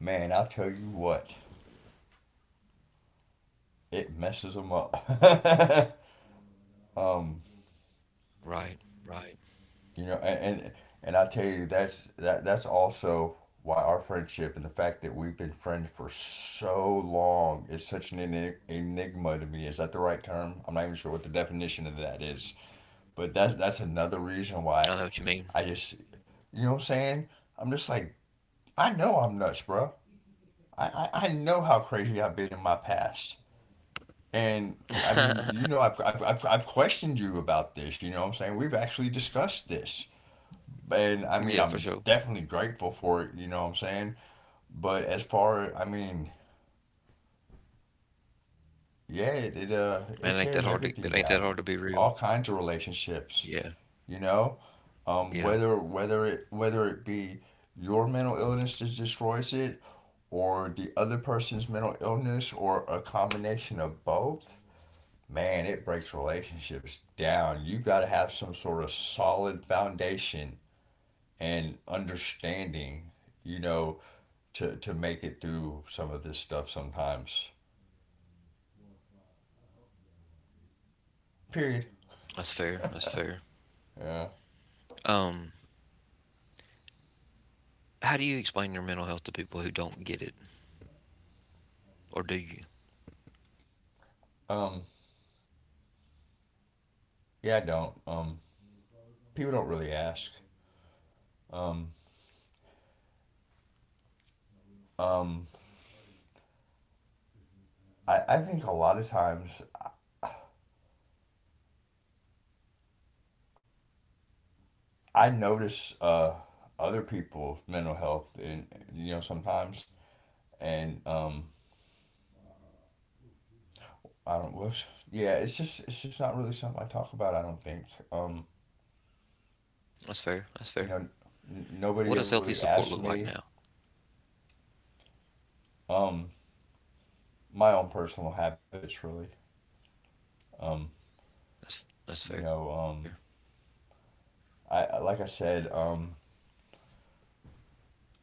Speaker 2: Man, I'll tell you what, it messes them up. [LAUGHS] um,
Speaker 1: Right. Right.
Speaker 2: and, I'll tell you, that's also why our friendship and the fact that we've been friends for so long is such an enigma to me. Is that the right term? I'm not even sure what the definition of that is. But that's another
Speaker 1: I know
Speaker 2: reason
Speaker 1: what you
Speaker 2: why
Speaker 1: mean.
Speaker 2: I just, you know what I'm saying. I'm just like, I know I'm nuts, bro. I know how crazy I've been in my past. And I mean,
Speaker 1: [LAUGHS]
Speaker 2: I've questioned you about this, you know what I'm saying? We've actually discussed this. And I mean,
Speaker 1: Yeah, for
Speaker 2: I'm
Speaker 1: sure.
Speaker 2: definitely grateful for it, you know what I'm saying? But as far, I mean, yeah, it, it uh
Speaker 1: Man,
Speaker 2: it tears everything
Speaker 1: it ain't that
Speaker 2: down.
Speaker 1: hard to be real.
Speaker 2: All kinds of relationships,
Speaker 1: Yeah,
Speaker 2: you know?
Speaker 1: yeah.
Speaker 2: Whether it be your mental illness that destroys it, or the other person's mental illness, or a combination of both, man, it breaks relationships down. You got to have some sort of solid foundation and understanding, you know, to, make it through some of this stuff sometimes. Period.
Speaker 1: That's fair. That's
Speaker 2: [LAUGHS]
Speaker 1: fair.
Speaker 2: Yeah.
Speaker 1: Um, how do you explain your mental health to people who don't get it? Or do you?
Speaker 2: Um, yeah, I don't. People don't really ask. Um, um, I think a lot of times I notice, other people's mental health, and sometimes. And I don't. Whoops. Yeah, it's just not really something I talk about. I don't think. Um,
Speaker 1: That's fair. That's fair.
Speaker 2: you know,
Speaker 1: What
Speaker 2: Nobody
Speaker 1: does
Speaker 2: ever
Speaker 1: healthy
Speaker 2: really
Speaker 1: support look
Speaker 2: asked
Speaker 1: like now?
Speaker 2: me. Um, my own personal habits really. Um,
Speaker 1: That's
Speaker 2: you
Speaker 1: fair.
Speaker 2: know, um, like I said,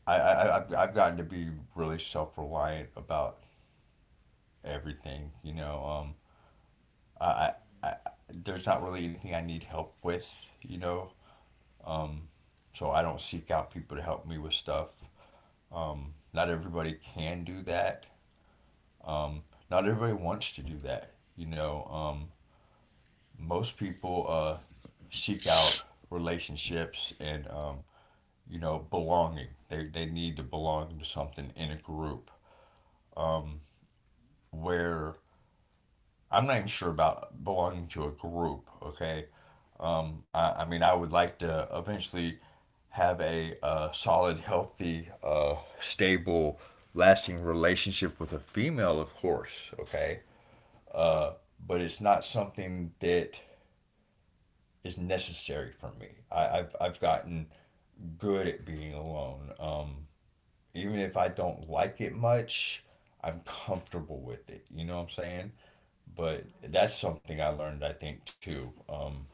Speaker 2: I've gotten to be really self reliant about everything. I, I I There's not really anything I need help with. You know, um, so I don't seek out people to help me with stuff. Not everybody can do that. Um, Not everybody wants to do that. You know, um, Most people, seek out relationships and, belonging. They need to belong to something in a group. Um, where I'm not even sure about belonging to a group, okay? I mean, I would like to eventually have a, solid, healthy, stable, lasting relationship with a female, of course, okay? uh, but it's not something that is necessary for me. I've gotten good at being alone. Even if I don't like it much, I'm comfortable with it. You know what I'm saying? But that's something I learned, I think, too.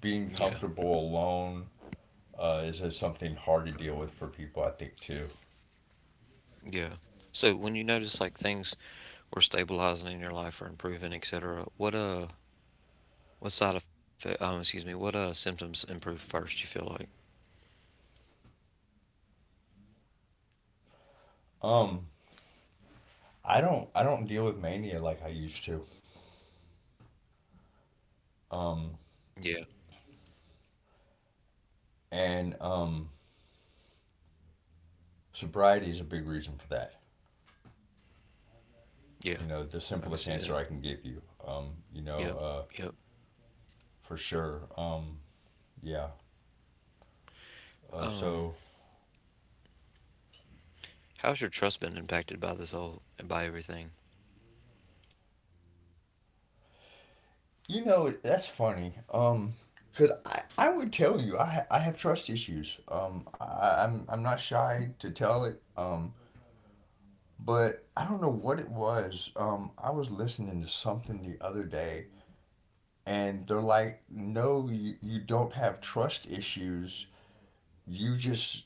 Speaker 2: Being
Speaker 1: Yeah.
Speaker 2: comfortable alone, is, something hard to deal with for people, I think, too.
Speaker 1: Yeah. So when you notice like things were stabilizing in your life or improving, etc., what side effect excuse me, what symptoms improve first, you feel like?
Speaker 2: Um, I don't deal with mania like I used to. Um,
Speaker 1: Yeah,
Speaker 2: and Sobriety is a big reason for that.
Speaker 1: yeah.
Speaker 2: The
Speaker 1: I can see
Speaker 2: simplest
Speaker 1: that.
Speaker 2: answer I can give you. Um, you know,
Speaker 1: Yep,
Speaker 2: uh,
Speaker 1: yep.
Speaker 2: for sure. Yeah.
Speaker 1: Um
Speaker 2: So,
Speaker 1: How's your trust been impacted by this whole by everything?
Speaker 2: that's funny. Cause I would tell you I have trust issues. I'm not shy to tell it. But I don't know what it was. I was listening to something the other day, and they're like, "No, you don't have trust issues. You just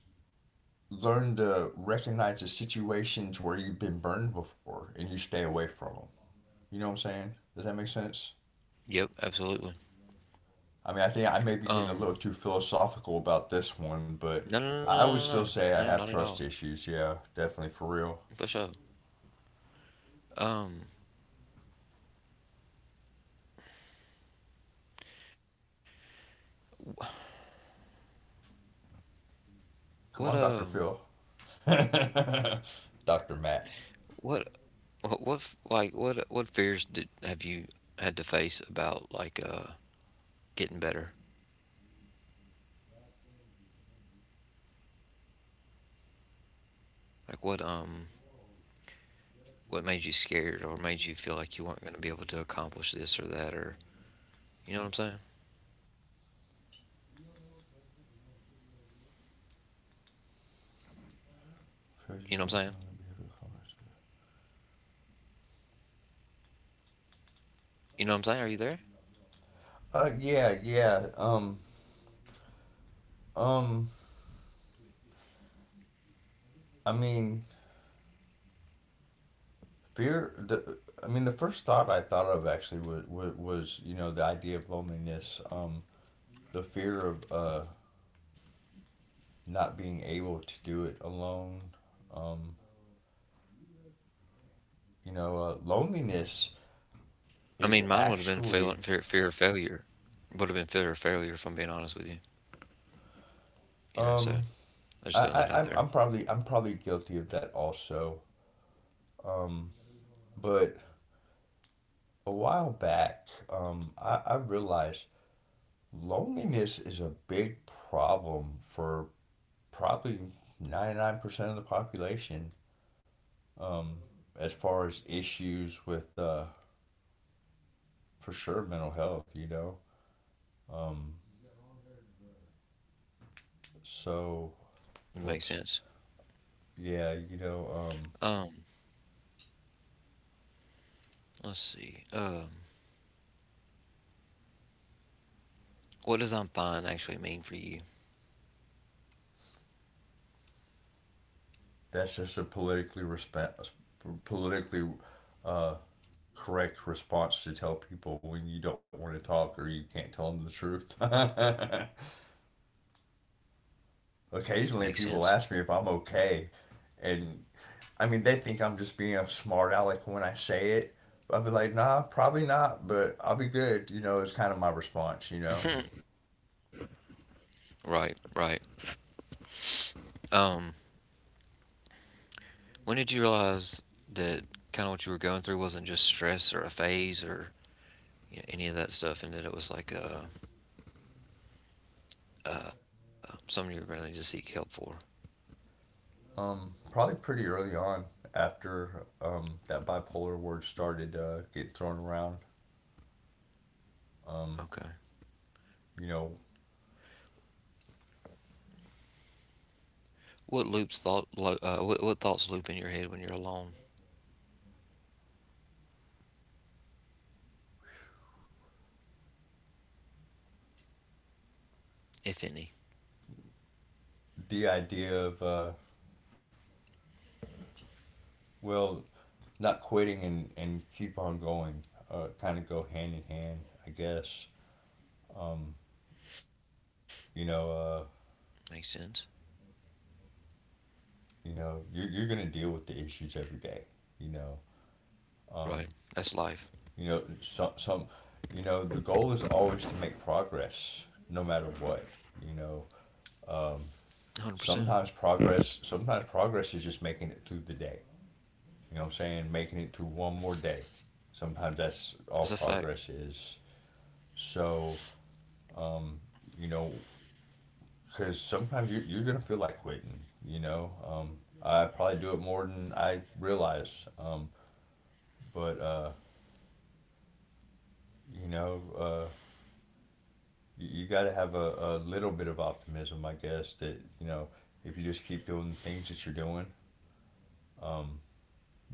Speaker 2: learn to recognize the situations where you've been burned before and you stay away from them. You know what I'm saying? Does that make sense?"
Speaker 1: Yep, absolutely.
Speaker 2: I mean, I think I may be
Speaker 1: Um,
Speaker 2: getting a little too philosophical about this one,
Speaker 1: no, no,
Speaker 2: but
Speaker 1: no,
Speaker 2: I would
Speaker 1: no, no, no,
Speaker 2: still
Speaker 1: no,
Speaker 2: say
Speaker 1: no,
Speaker 2: I
Speaker 1: not
Speaker 2: have
Speaker 1: at all,
Speaker 2: trust issues. Yeah, definitely for real.
Speaker 1: for sure. Um, what,
Speaker 2: Come on,
Speaker 1: um,
Speaker 2: Dr. Phil. [LAUGHS] Dr. Matt.
Speaker 1: what, like, what fears did have you had to face about like getting better? Like, what made you scared or made you feel like you weren't going to be able to accomplish this or that or you know what I'm saying? You know what I'm saying? You know what I'm saying? Are you there?
Speaker 2: Yeah, yeah. Um, I mean, fear. I mean, the first thought I thought of actually was, the idea of loneliness. The fear of, not being able to do it alone. Um, Loneliness
Speaker 1: I
Speaker 2: is
Speaker 1: mean, mine would have been
Speaker 2: actually,
Speaker 1: fear of failure. Would have been fear of failure, if I'm being honest with you. You know, so.
Speaker 2: um,
Speaker 1: I
Speaker 2: I,
Speaker 1: just throwing that
Speaker 2: I
Speaker 1: out
Speaker 2: I'm
Speaker 1: there.
Speaker 2: I'm probably I'm probably guilty of that also. Um, but a while back, I realized loneliness is a big problem for probably 99% of the population. Um, as far as issues with, for sure, mental health. Um, so.
Speaker 1: It makes
Speaker 2: Whoops.
Speaker 1: sense.
Speaker 2: Yeah,
Speaker 1: Um, let's see. What does I'm fine actually mean for you?
Speaker 2: that's just a politically politically, uh, correct response to tell people when you don't want to talk or you can't tell them the truth. [LAUGHS] Occasionally, people ask
Speaker 1: Makes
Speaker 2: me if
Speaker 1: sense.
Speaker 2: I'm okay, and I mean, they think I'm just being a smart aleck when I say it. I'll be like, nah, probably not, but I'll be good. It's kind of my response.
Speaker 1: Right, right. Um, when did you realize that kind of what you were going through wasn't just stress or a phase or you know, any of that stuff, and that it was like something you were going to need to seek help for?
Speaker 2: Probably pretty early on after, that bipolar word started, getting thrown around. Um,
Speaker 1: Okay.
Speaker 2: you know,
Speaker 1: What thoughts loop in your head when you're alone, if any?
Speaker 2: the idea of, well, not quitting and, keep on going, kind of go hand in hand, I guess. Um, you know, uh,
Speaker 1: Makes sense.
Speaker 2: you're going to deal with the issues every day, you know.
Speaker 1: Right.
Speaker 2: Um,
Speaker 1: That's life.
Speaker 2: you know, some, some, the goal is always to make progress no matter what, you know. Um,
Speaker 1: 100%.
Speaker 2: Sometimes progress is just making it through the day. You know what I'm saying? Making it through one more day. Sometimes that's
Speaker 1: That's
Speaker 2: all
Speaker 1: a fact.
Speaker 2: progress is. So, um, you know, because sometimes you're going to feel like quitting. I probably do it more than I realize. But, uh, you know, uh, you got to have a, little bit of optimism, I guess, if you just keep doing the things that you're doing, um,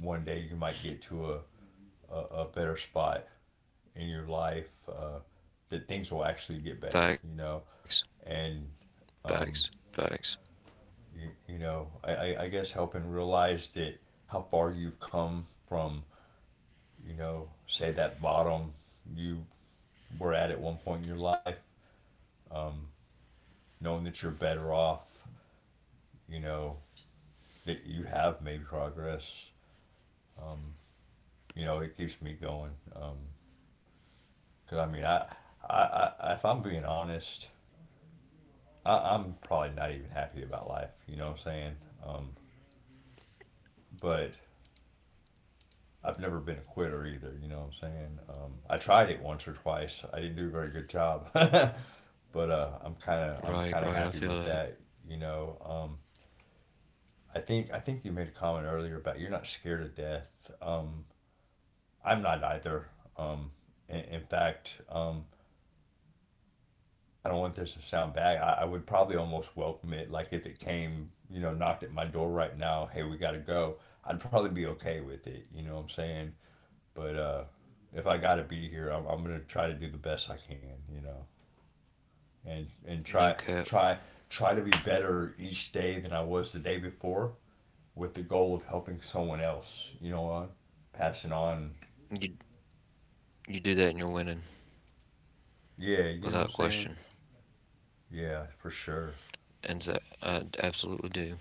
Speaker 2: one day you might get to a, better spot in your life, that things will actually get better,
Speaker 1: Facts.
Speaker 2: you know. And,
Speaker 1: Facts. Facts.
Speaker 2: um, I guess helping realize that how far you've come from, say that bottom you were at one point in your life, um, knowing that you're better off, you know that you have made progress, um, it keeps me going, because I mean, I if I'm being honest, I'm probably not even happy about life, you know what I'm saying. um, but I've never been a quitter either. You know what I'm saying? I tried it once or twice. I didn't do a very good job, [LAUGHS] but, I'm kind of
Speaker 1: Right,
Speaker 2: I'm
Speaker 1: right. I
Speaker 2: kind of
Speaker 1: feel
Speaker 2: happy
Speaker 1: that.
Speaker 2: with that. You know, um, I think you made a comment earlier about you're not scared of death. Um, I'm not either. Um, in, fact, I don't want this to sound bad. I would probably almost welcome it. Like if it came, knocked at my door right now, hey, we got to go. I'd probably be okay with it. You know what I'm saying? But, if I got to be here, I'm gonna try to do the best I can, you know, and
Speaker 1: No cap.
Speaker 2: try try to be better each day than I was the day before, with the goal of helping someone else. You know what? Passing on.
Speaker 1: You do that and you're winning
Speaker 2: Yeah, you know what I'm
Speaker 1: without
Speaker 2: saying.
Speaker 1: question.
Speaker 2: Yeah, for sure.
Speaker 1: And so I d- absolutely do.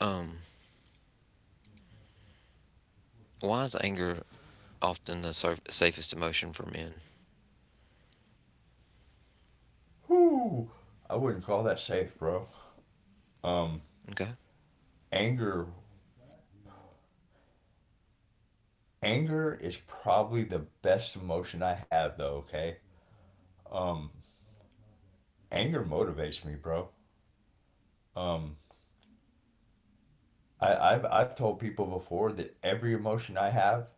Speaker 1: Um, why is anger often the surf safest emotion for men?
Speaker 2: Whoo! I wouldn't call that safe, bro. Um,
Speaker 1: Okay.
Speaker 2: Anger. Anger is probably the best emotion I have, though. Okay. Um, Anger motivates me, bro. Um, I've told people before that every emotion I have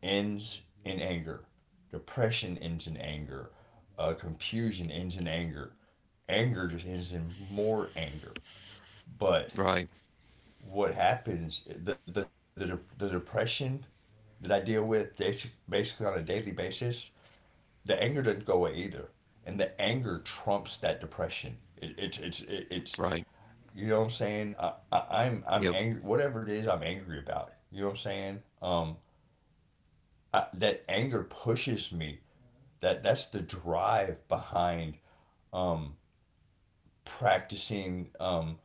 Speaker 2: ends in anger. Depression ends in anger. Confusion ends in anger. Anger just ends in more anger. But
Speaker 1: Right,
Speaker 2: what happens? The depression that I deal with basically on a daily basis, the anger doesn't go away either, and the anger trumps that depression. It, it's it, it's
Speaker 1: right.
Speaker 2: you know what I'm saying. I'm
Speaker 1: Yep.
Speaker 2: angry. Whatever it is, I'm angry about. You know what I'm saying. That anger pushes me. That's the drive behind, um, practicing,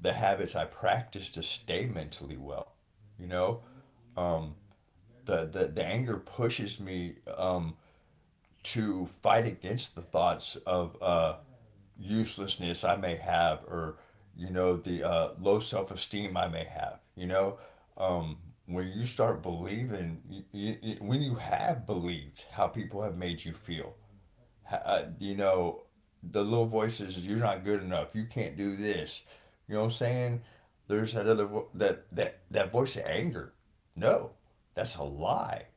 Speaker 2: the habits I practice to stay mentally well. You know, um, the anger pushes me, to fight against the thoughts of, uselessness I may have, or, the, low self esteem I may have. Um, when you start believing, y y when you have believed how people have made you feel, uh, you know, the little voices, you're not good enough, you can't do this. You know what I'm saying? There's that other that voice of anger. No, that's a lie.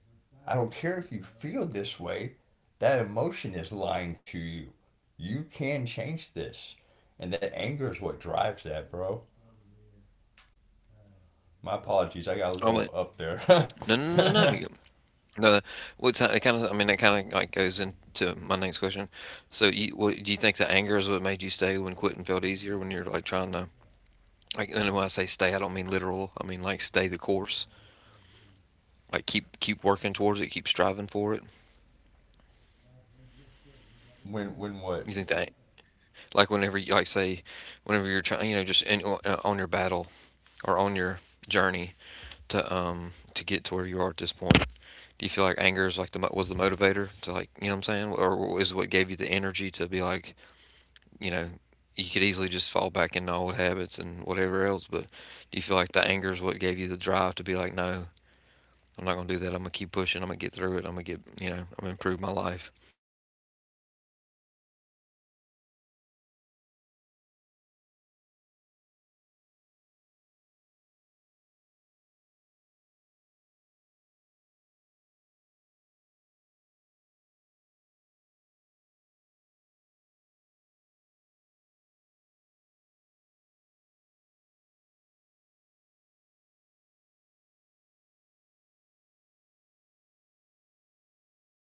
Speaker 2: I don't care if you feel this way. That emotion is lying to you. You can change this, and that anger is what drives that, bro. My apologies, I got a
Speaker 1: Oh,
Speaker 2: little
Speaker 1: wait.
Speaker 2: up there.
Speaker 1: No, no, no, no.
Speaker 2: [LAUGHS]
Speaker 1: Yep. No, what's it kind of, I mean, it kind of like goes into my next question. So, do you think that anger is what made you stay when quitting felt easier when you're like trying to, like, and when I say stay, I don't mean literal. I mean like stay the course, like keep working towards it, keep striving for it.
Speaker 2: When what?
Speaker 1: You think that, like, whenever you're trying, you know, just in, on your battle
Speaker 2: You there? Did you
Speaker 1: or
Speaker 2: mute
Speaker 1: on your
Speaker 2: yourself?
Speaker 1: journey to get to where you are at this point, do you feel like anger is like was the motivator to like, you know what I'm
Speaker 2: Did
Speaker 1: saying,
Speaker 2: you mute
Speaker 1: or is what gave
Speaker 2: yourself,
Speaker 1: you the energy to be like, you know, you could easily just fall back into old habits and
Speaker 2: Matt?
Speaker 1: whatever else, but do you feel like the anger is what gave you the drive to be like, no,
Speaker 2: Where did you
Speaker 1: I'm not
Speaker 2: go?
Speaker 1: gonna do that. I'm gonna keep pushing. I'm gonna get through it. I'm gonna get, you know, I'm gonna improve my life.